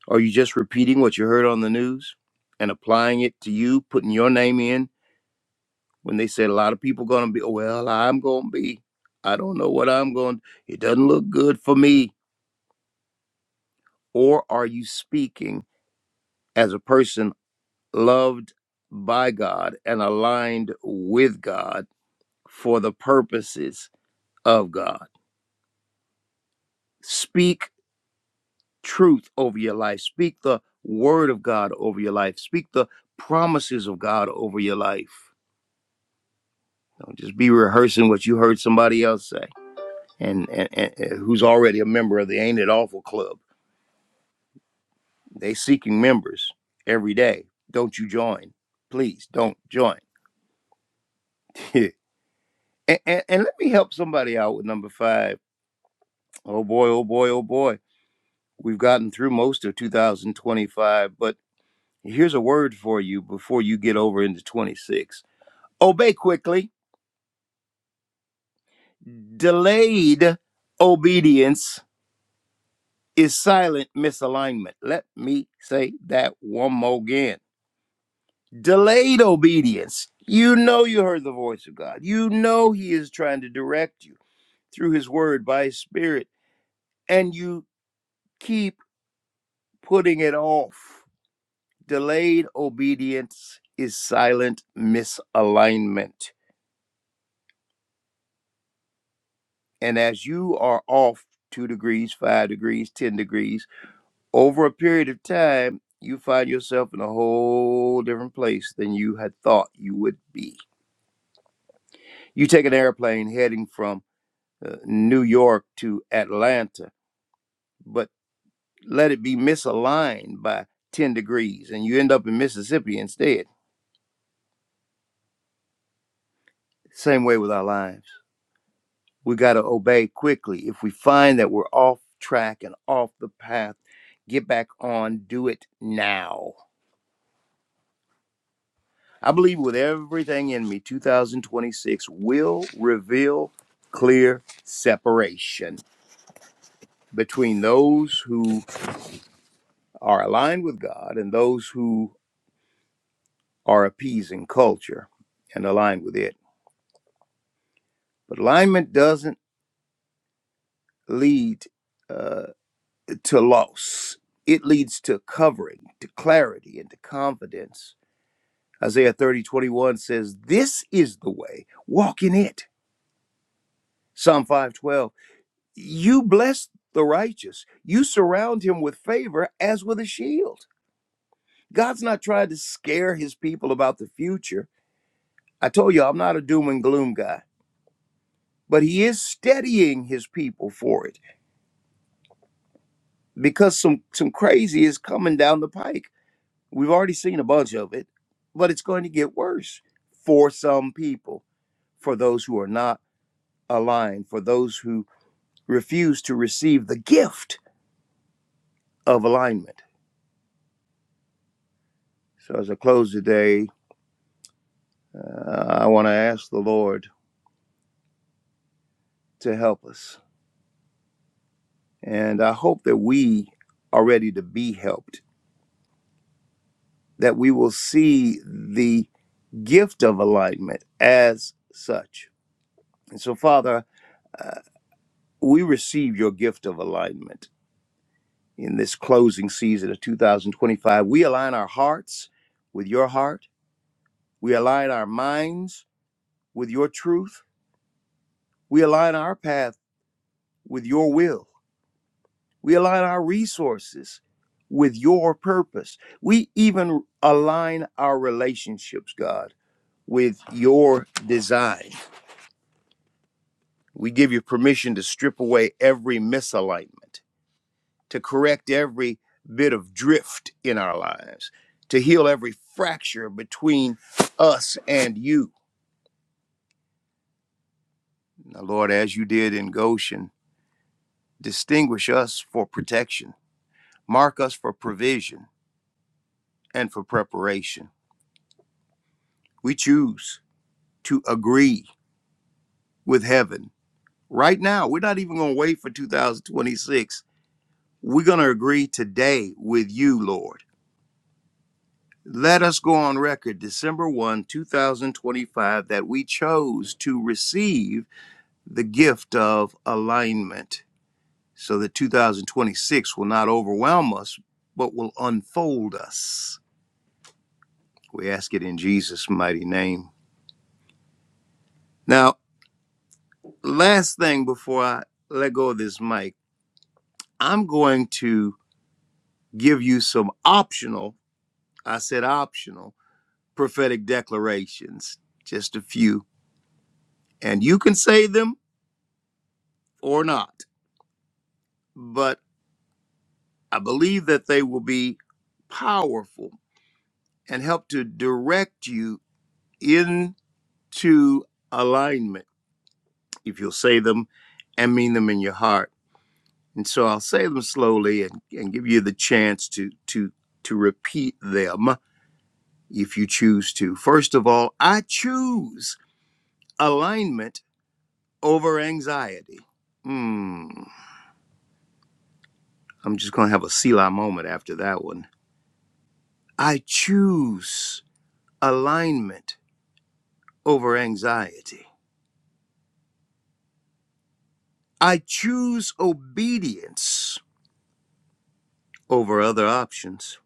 E: Are you just repeating what you heard on the news and applying it to you, putting your name in when they said a lot of people going to be, well, I'm going to be, I don't know what I'm going, to it doesn't look good for me. Or are you speaking as a person loved by God and aligned with God for the purposes of God? Speak truth over your life. Speak the word of God over your life. Speak the promises of God over your life Don't just be rehearsing what you heard somebody else say, and, and, and who's already a member of the Ain't It Awful Club. They seeking members every day. Don't you join? Please don't join. and, and, and let me help somebody out with number five. Oh boy, oh boy, oh boy. We've gotten through most of 2025, but here's a word for you before you get over into 26. Obey quickly. Delayed obedience is silent misalignment. Let me say that one more again. Delayed obedience. You know you heard the voice of God. You know He is trying to direct you through His Word by His Spirit, and you keep putting it off. Delayed obedience is silent misalignment. And as you are off two degrees, five degrees, 10 degrees, over a period of time, you find yourself in a whole different place than you had thought you would be. You take an airplane heading from uh, New York to Atlanta, but let it be misaligned by 10 degrees and you end up in Mississippi instead. Same way with our lives. We got to obey quickly. If we find that we're off track and off the path, get back on, do it now I believe with everything in me, 2026 will reveal clear separation between those who are aligned with God and those who are appeasing culture and aligned with it. But alignment doesn't lead uh, to loss, it leads to covering, to clarity, and to confidence. Isaiah 30:21 says, This is the way, walk in it. Psalm 5:12 You bless the righteous. You surround him with favor as with a shield. God's not trying to scare his people about the future. I told you I'm not a doom and gloom guy, but he is steadying his people for it because some some crazy is coming down the pike. We've already seen a bunch of it, but it's going to get worse for some people, for those who are not aligned, for those who refuse to receive the gift of alignment. So as I close today, Uh, I want to ask the Lord to help us. And I hope that we are ready to be helped, that we will see the gift of alignment as such. And so, Father, uh, we receive your gift of alignment in this closing season of 2025. We align our hearts with your heart, we align our minds with your truth, we align our path with your will. We align our resources with your purpose. We even align our relationships, God, with your design. We give you permission to strip away every misalignment, to correct every bit of drift in our lives, to heal every fracture between us and you. Now, Lord, as you did in Goshen, distinguish us for protection, mark us for provision and for preparation. We choose. to agree with heaven right now. We're not even going to wait for 2026. We're going to agree today with you, Lord. Let us go on record December 1, 2025, that we chose to receive the gift of alignment so that 2026 will not overwhelm us, but will unfold us. We ask it in Jesus' mighty name. Now, last thing before I let go of this mic, I'm going to give you some optional, I said optional, prophetic declarations, just a few. And you can say them or not, but I believe that they will be powerful and help to direct you into alignment if you'll say them and mean them in your heart. And so I'll say them slowly and, and give you the chance to to to repeat them if you choose to. First of all, I choose alignment over anxiety. Hmm. I'm just going to have a Selah moment after that one. I choose alignment over anxiety. I choose obedience over other options.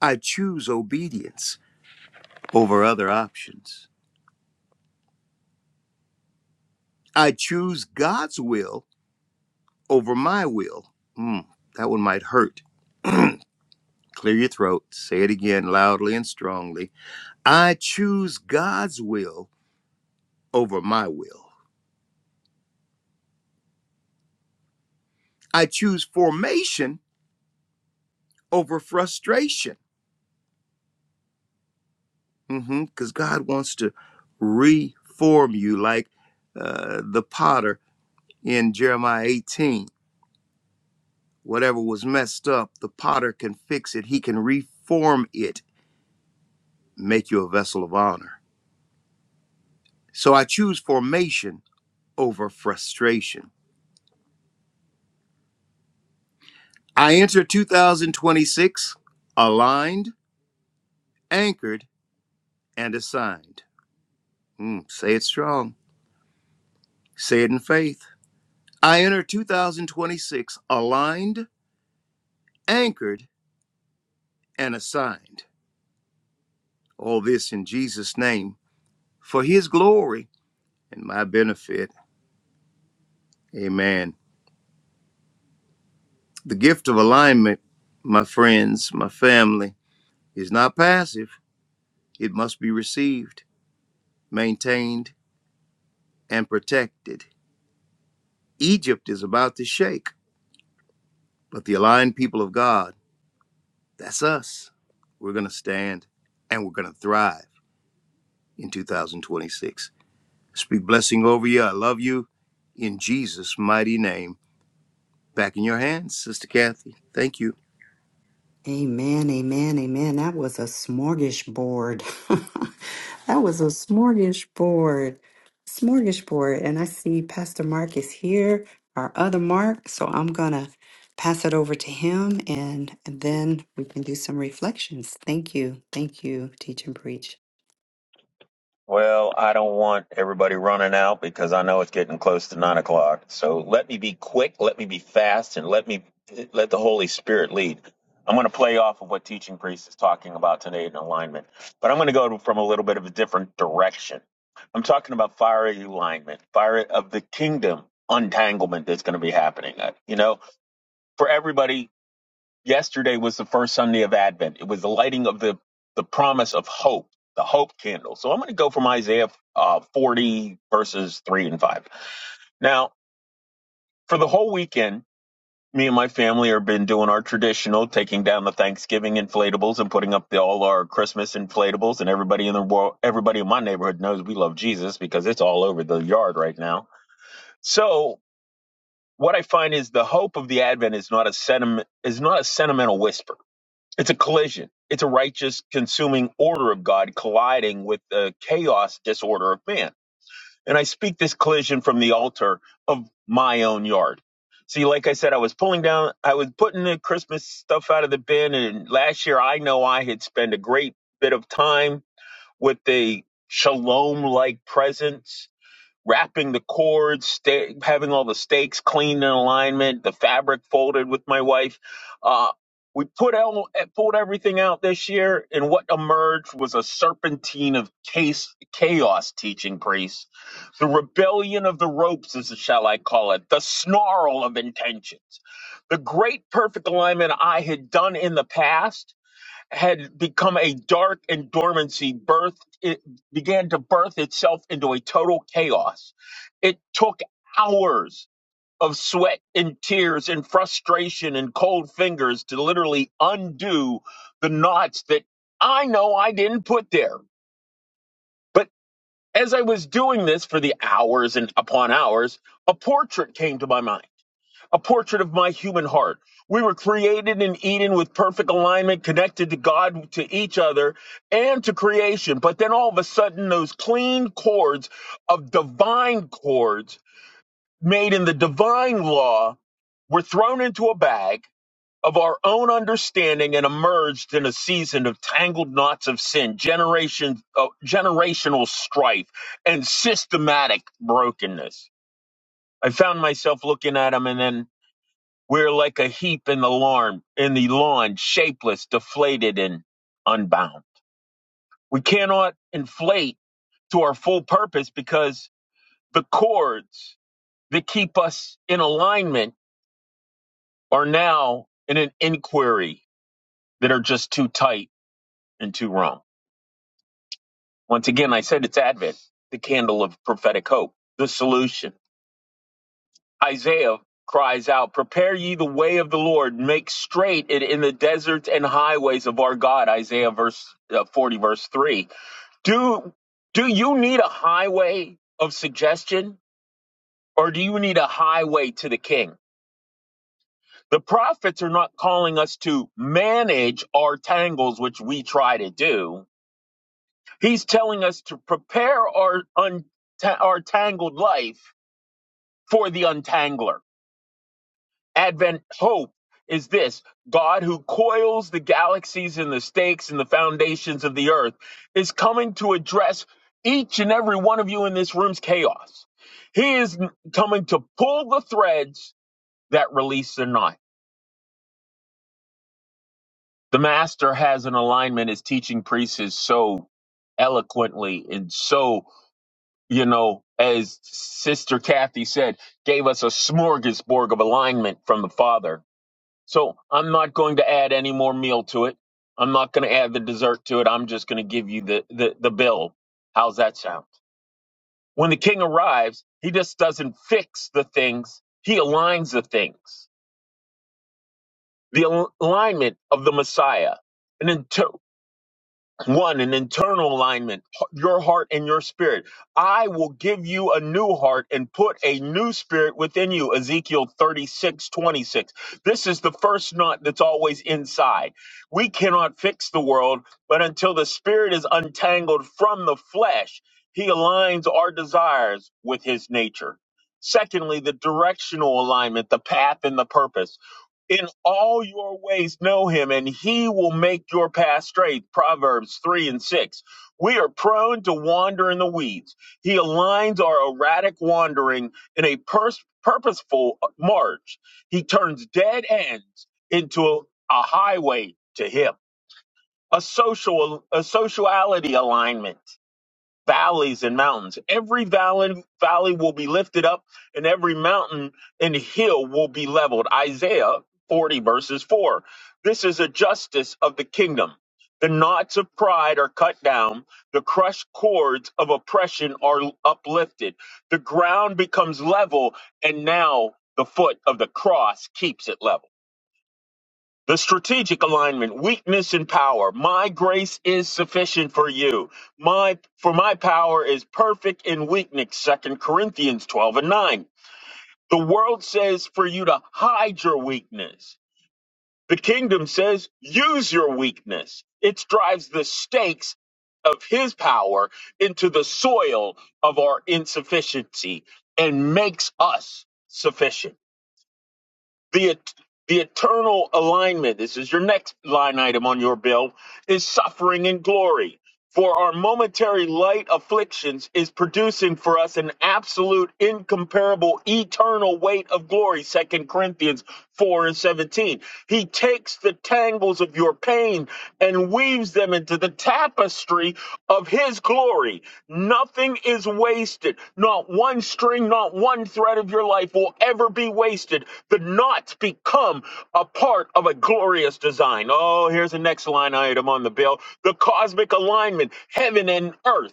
E: I choose obedience over other options. I choose God's will over my will. Hmm. That one might hurt. Clear your throat. Say it again loudly and strongly. I choose God's will over my will. I choose formation over frustration mm-hmm, because God wants to reform you like uh, the potter in Jeremiah 18. Whatever was messed up, the potter can fix it, he can reform it, make you a vessel of honor. So I choose formation over frustration. I enter 2026 aligned, anchored, and assigned. Mm, say it strong, say it in faith. I enter 2026 aligned, anchored, and assigned. All this in Jesus' name for his glory and my benefit. Amen. The gift of alignment, my friends, my family, is not passive. It must be received, maintained, and protected. Egypt is about to shake, but the aligned people of God, that's us, we're going to stand and we're going to thrive in 2026. Speak blessing over you. I love you in Jesus' mighty name. Back in your hands, Sister Kathy. Thank you.
A: Amen, amen, amen. That was a smorgasbord. that was a smorgasbord. Smorgasbord. And I see Pastor Mark is here, our other Mark. So I'm going to pass it over to him and, and then we can do some reflections. Thank you. Thank you, Teach and Preach.
F: Well, I don't want everybody running out because I know it's getting close to nine o'clock. So let me be quick, let me be fast, and let me let the Holy Spirit lead. I'm going to play off of what Teaching Priest is talking about today in alignment, but I'm going to go to- from a little bit of a different direction. I'm talking about fiery alignment, fire of the kingdom untanglement that's going to be happening. Uh, You know, for everybody Yesterday was the first Sunday of Advent. It was the lighting of the the promise of hope, the hope candle. So I'm going to go from Isaiah uh, 40 verses three and five. Now, for the whole weekend, me and my family have been doing our traditional, taking down the Thanksgiving inflatables and putting up the, all our Christmas inflatables. And everybody in the world, everybody in my neighborhood knows we love Jesus because it's all over the yard right now. So what I find is the hope of the Advent is not a sentiment is not a sentimental whisper It's a collision. It's a righteous, consuming order of God colliding with the chaos disorder of man. And I speak this collision from the altar of my own yard. See, like I said, I was pulling down, I was putting the Christmas stuff out of the bin. And last year, I know I had spent a great bit of time with the shalom like presence wrapping the cords, sta having all the stakes cleaned in alignment, the fabric folded with my wife. Uh, we put out, eh, pulled everything out this year, and what emerged was a serpentine of case, chaos teaching priests. The rebellion of the ropes, as shall I call it, the snarl of intentions. The great perfect alignment I had done in the past had become a dark and dormancy birth it began to birth itself into a total chaos it took hours of sweat and tears and frustration and cold fingers to literally undo the knots that i know i didn't put there but as i was doing this for the hours and upon hours a portrait came to my mind a portrait of my human heart. We were created in Eden with perfect alignment, connected to God, to each other, and to creation. But then all of a sudden, those clean cords of divine cords made in the divine law were thrown into a bag of our own understanding and emerged in a season of tangled knots of sin, generation, uh, generational strife, and systematic brokenness. I found myself looking at him and then we're like a heap in the lawn, in the lawn, shapeless, deflated, and unbound. We cannot inflate to our full purpose because the cords that keep us in alignment are now in an inquiry that are just too tight and too wrong. Once again, I said it's Advent, the candle of prophetic hope, the solution Isaiah cries out, Prepare ye the way of the Lord, make straight it in the deserts and highways of our God. Isaiah verse uh, 40, verse 3. Do, do you need a highway of suggestion or do you need a highway to the king? The prophets are not calling us to manage our tangles, which we try to do. He's telling us to prepare our, un- ta- our tangled life for the untangler Advent hope is this God who coils the galaxies and the stakes and the foundations of the earth is coming to address each and every one of you in this room's chaos. He is n- coming to pull the threads that release the knot. The master has an alignment as teaching priest is so eloquently and so, you know, as Sister Kathy said, gave us a smorgasbord of alignment from the Father So I'm not going to add any more meal to it. I'm not going to add the dessert to it. I'm just going to give you the, the, the bill. How's that sound? When the king arrives, he just doesn't fix the things, he aligns the things. The al- alignment of the Messiah. And then to One, an internal alignment, h- your heart and your spirit. I will give you a new heart and put a new spirit within you. Ezekiel 36:26. This is the first knot that's always inside. We cannot fix the world, but until the spirit is untangled from the flesh, he aligns our desires with his nature. Secondly, the directional alignment, the path and the purpose. In all your ways know him, and he will make your path straight. Proverbs 3 and 6. We are prone to wander in the weeds. He aligns our erratic wandering in a pers- purposeful uh, march. He turns dead ends into a, a highway to him, a social a sociality alignment valleys and mountains. Every valley, valley will be lifted up, and every mountain and hill will be leveled. Isaiah 40, verses 4. This is a justice of the kingdom. The knots of pride are cut down, the crushed cords of oppression are uplifted. The ground becomes level, and now the foot of the cross keeps it level. The strategic alignment, weakness and power. My grace is sufficient for you. My for my power is perfect in weakness. Second Corinthians 12 and 9. The world says for you to hide your weakness. The kingdom says use your weakness. It drives the stakes of his power into the soil of our insufficiency and makes us sufficient the the eternal alignment this is your next line item on your bill is suffering and glory for our momentary light afflictions is producing for us an absolute incomparable eternal weight of glory Second corinthians 4 and 17 he takes the tangles of your pain and weaves them into the tapestry of his glory. Nothing is wasted. Not one string, not one thread of your life will ever be wasted. The knots become a part of a glorious design. Oh, here's the next line item on the bill the cosmic alignment, heaven and earth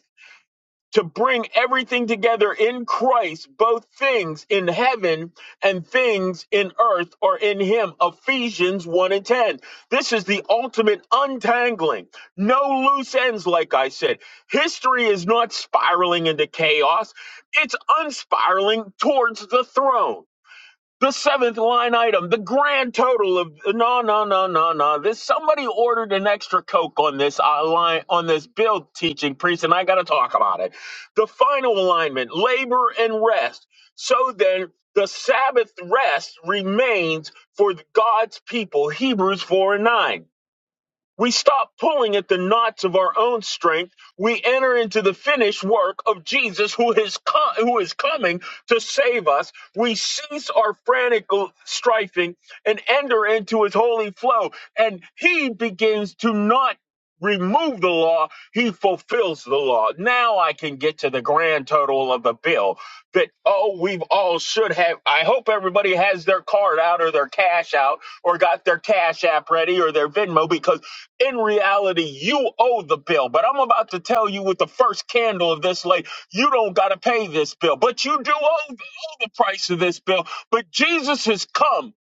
F: to bring everything together in Christ, both things in heaven and things in earth are in Him. Ephesians 1 and 10. This is the ultimate untangling. No loose ends, like I said. History is not spiraling into chaos, it's unspiraling towards the throne. The seventh line item, the grand total of no, no, no, no, no. This somebody ordered an extra coke on this uh, line on this bill teaching priest, and I got to talk about it. The final alignment, labor and rest. So then, the Sabbath rest remains for God's people. Hebrews four and nine. We stop pulling at the knots of our own strength. We enter into the finished work of Jesus who is, co- who is coming to save us. We cease our frantic striving and enter into his holy flow. And he begins to not remove the law. He fulfills the law. Now I can get to the grand total of the bill that, oh, we've all should have. I hope everybody has their card out or their cash out or got their cash app ready or their Venmo because in reality, you owe the bill. But I'm about to tell you with the first candle of this light, you don't got to pay this bill. But you do owe, the, owe the price of this bill. But Jesus has come.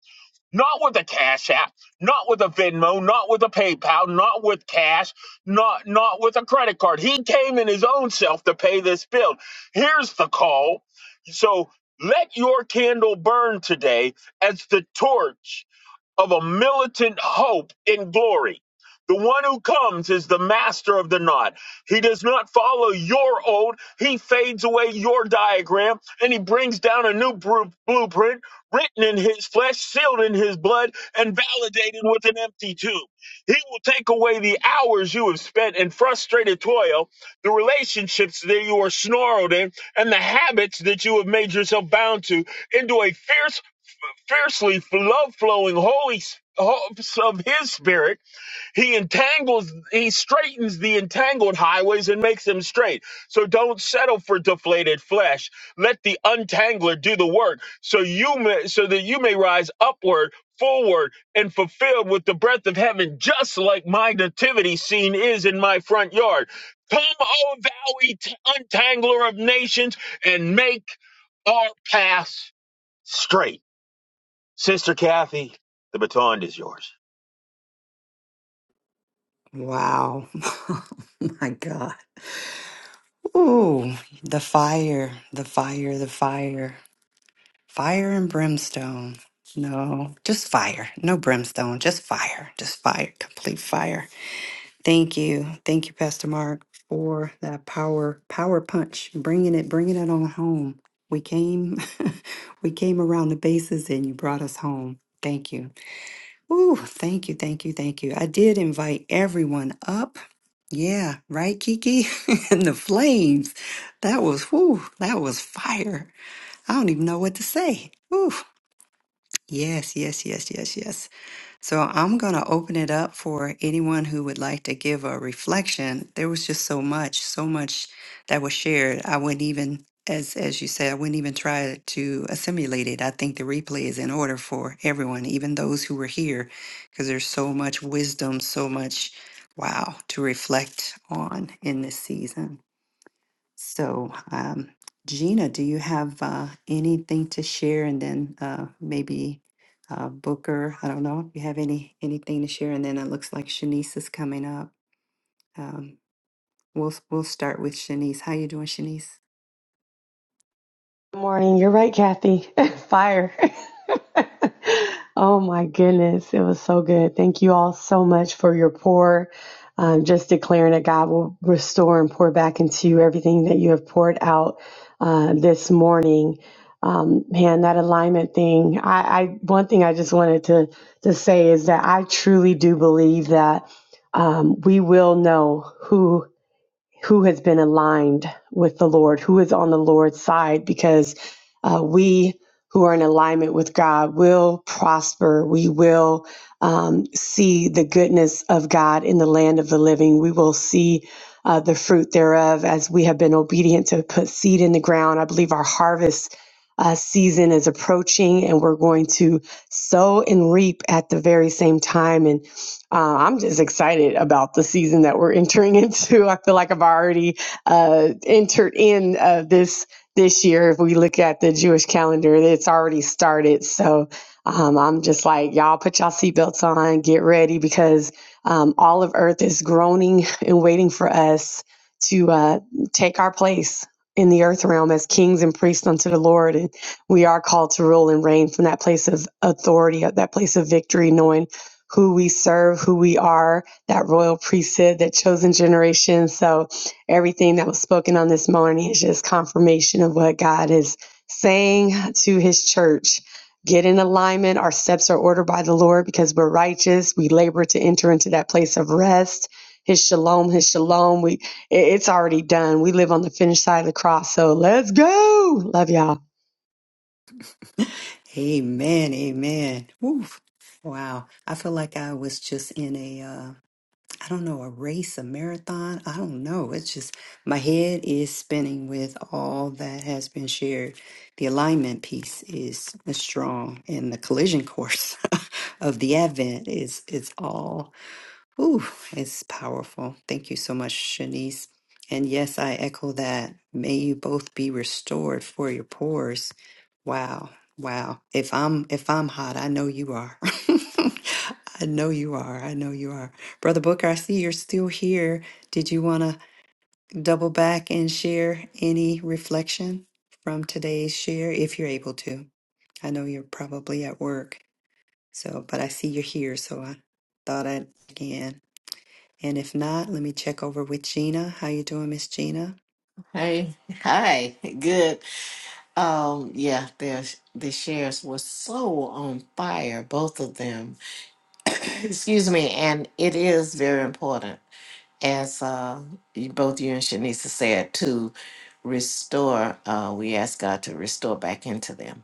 F: Not with a cash app, not with a Venmo, not with a PayPal, not with cash, not not with a credit card. He came in his own self to pay this bill. Here's the call. So let your candle burn today as the torch of a militant hope in glory. The one who comes is the master of the knot. He does not follow your old. He fades away your diagram and he brings down a new bru- blueprint written in his flesh, sealed in his blood, and validated with an empty tomb. He will take away the hours you have spent in frustrated toil, the relationships that you are snarled in, and the habits that you have made yourself bound to into a fierce fiercely love flowing holy hopes of his spirit he entangles he straightens the entangled highways and makes them straight so don't settle for deflated flesh let the untangler do the work so you may so that you may rise upward forward and fulfilled with the breath of heaven just like my nativity scene is in my front yard come o thou et- untangler of nations and make our paths straight Sister Kathy, the baton is yours.
A: Wow. my God. Ooh, the fire, the fire, the fire. Fire and brimstone. No, just fire. No brimstone, just fire. Just fire. Complete fire. Thank you. Thank you, Pastor Mark, for that power, power punch, bringing it, bringing it on home. We came, we came around the bases and you brought us home. Thank you. Ooh, thank you, thank you, thank you. I did invite everyone up. Yeah, right, Kiki? and the flames. That was, whoo, that was fire. I don't even know what to say. Whew. Yes, yes, yes, yes, yes. So I'm going to open it up for anyone who would like to give a reflection. There was just so much, so much that was shared. I wouldn't even, as as you said, I wouldn't even try to assimilate it. I think the replay is in order for everyone, even those who were here, because there's so much wisdom, so much wow to reflect on in this season. So, um, Gina, do you have uh, anything to share? And then uh, maybe uh, Booker, I don't know if you have any anything to share. And then it looks like Shanice is coming up. Um, we'll we'll start with Shanice. How you doing, Shanice?
G: Good morning. You're right, Kathy. Fire. oh my goodness. It was so good. Thank you all so much for your pour. Um, just declaring that God will restore and pour back into you everything that you have poured out uh, this morning. Um, man, that alignment thing. I, I one thing I just wanted to to say is that I truly do believe that um, we will know who who has been aligned with the Lord, who is on the Lord's side, because uh, we who are in alignment with God will prosper. We will um, see the goodness of God in the land of the living. We will see uh, the fruit thereof as we have been obedient to put seed in the ground. I believe our harvest. Uh, season is approaching, and we're going to sow and reap at the very same time. And. Uh, I'm just excited about the season that we're entering into. I feel like I've already uh, entered in uh, this this year. If we look at the Jewish calendar, it's already started. So um, I'm just like, y'all, put y'all seatbelts on, get ready, because um, all of Earth is groaning and waiting for us to uh, take our place in the earth realm as kings and priests unto the Lord. And we are called to rule and reign from that place of authority, that place of victory, knowing who we serve, who we are, that royal priesthood, that chosen generation. So everything that was spoken on this morning is just confirmation of what God is saying to his church. Get in alignment. Our steps are ordered by the Lord because we're righteous. We labor to enter into that place of rest. His shalom, his shalom. We it- it's already done. We live on the finished side of the cross. So let's go. Love y'all.
A: Amen, amen. Woo. Wow, I feel like I was just in a uh, I don't know, a race, a marathon. I don't know. It's just my head is spinning with all that has been shared. The alignment piece is, is strong, and the collision course of the Advent is it's all Ooh, it's powerful. Thank you so much, Shanice. And yes, I echo that. May you both be restored for your pores. Wow, wow. If I'm if I'm hot, I know you are. I know you are. I know you are. Brother Booker, I see you're still here. Did you want to double back and share any reflection from today's share if you're able to? I know you're probably at work. So, but I see you're here, so I thought I'd again. And if not, let me check over with Gina. How you doing, Miss Gina?
D: Hey, hi, good. Um, yeah, their the shares were so on fire, both of them. Excuse me, and it is very important, as uh, you, both you and Shanisa said, to restore. Uh, we ask God to restore back into them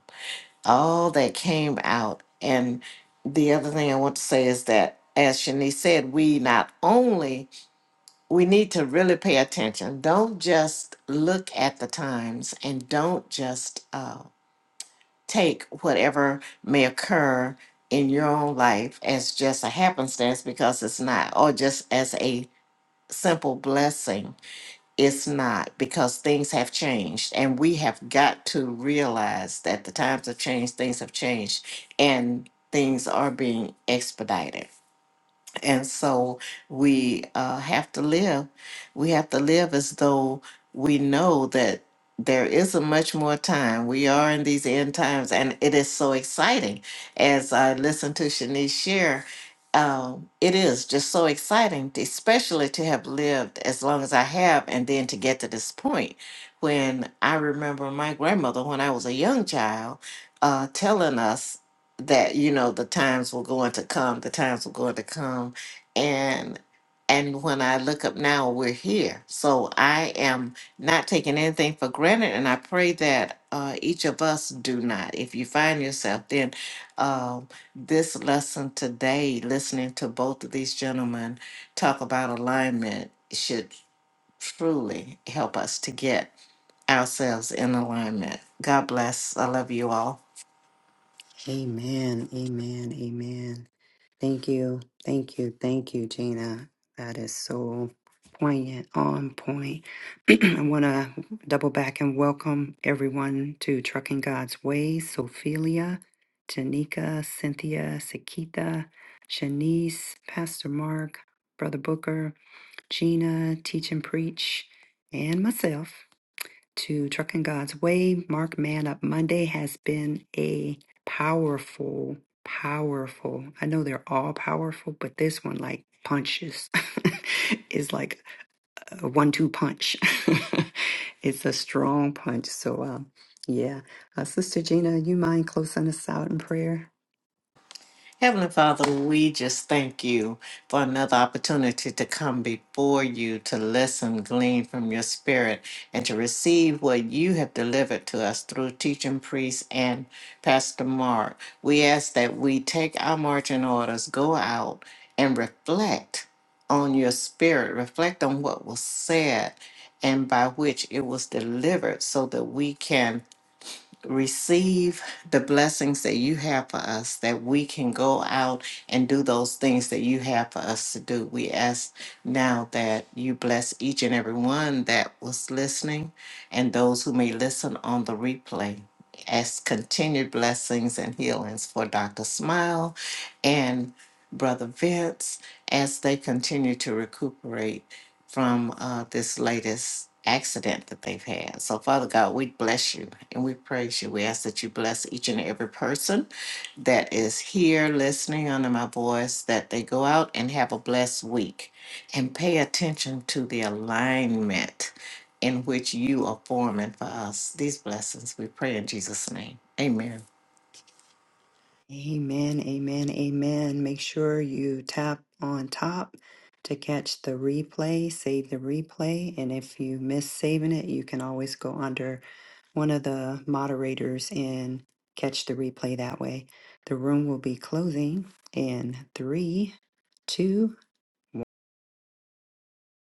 D: all that came out. And the other thing I want to say is that, as Shanice said, we not only we need to really pay attention. Don't just look at the times and don't just uh, take whatever may occur in your own life as just a happenstance because it's not, or just as a simple blessing. It's not because things have changed and we have got to realize that the times have changed, things have changed, and things are being expedited. And so we uh, have to live. We have to live as though we know that there isn't much more time. We are in these end times, and it is so exciting. As I listen to Shanice share, um, it is just so exciting, to- especially to have lived as long as I have, and then to get to this point. When I remember my grandmother, when I was a young child, uh, telling us that you know the times were going to come the times were going to come and and when I look up now, we're here. So I am not taking anything for granted, and I pray that uh, each of us do not. If you find yourself, then um this lesson today, listening to both of these gentlemen talk about alignment, should truly help us to get ourselves in alignment. God bless. I love you all.
A: Amen. Amen. Amen. Thank you. Thank you. Thank you, Gina. That is so poignant, on point. I want to double back and welcome everyone to Trucking God's Ways. Sophelia, Janika, Cynthia, Sakita, Shanice, Pastor Mark, Brother Booker, Gina, Teach and Preach, and myself. to Trucking God's Way. Mark Man Up Monday has been a powerful, powerful. I know they're all powerful, but this one like punches. is like a one-two punch. it's a strong punch. So, um, yeah, uh, Sister Gina, you mind closing us out in prayer?
D: Heavenly Father, we just thank you for another opportunity to come before you to listen, glean from your spirit, and to receive what you have delivered to us through teaching priest and Pastor Mark. We ask that we take our marching orders, go out and reflect on your spirit, reflect on what was said and by which it was delivered so that we can receive the blessings that you have for us, that we can go out and do those things that you have for us to do. We ask now that you bless each and every one that was listening and those who may listen on the replay. Ask continued blessings and healings for Dr. Smile and Brother Vince as they continue to recuperate from uh, this latest accident that they've had. So, Father God, we bless you and we praise you. We ask that you bless each and every person that is here listening under my voice, that they go out and have a blessed week and pay attention to the alignment in which you are forming for us. These blessings we pray in Jesus' name. Amen.
A: Amen, amen, amen. Make sure you tap on top to catch the replay, save the replay. And if you miss saving it, you can always go under one of the moderators and catch the replay that way. The room will be closing in three, two.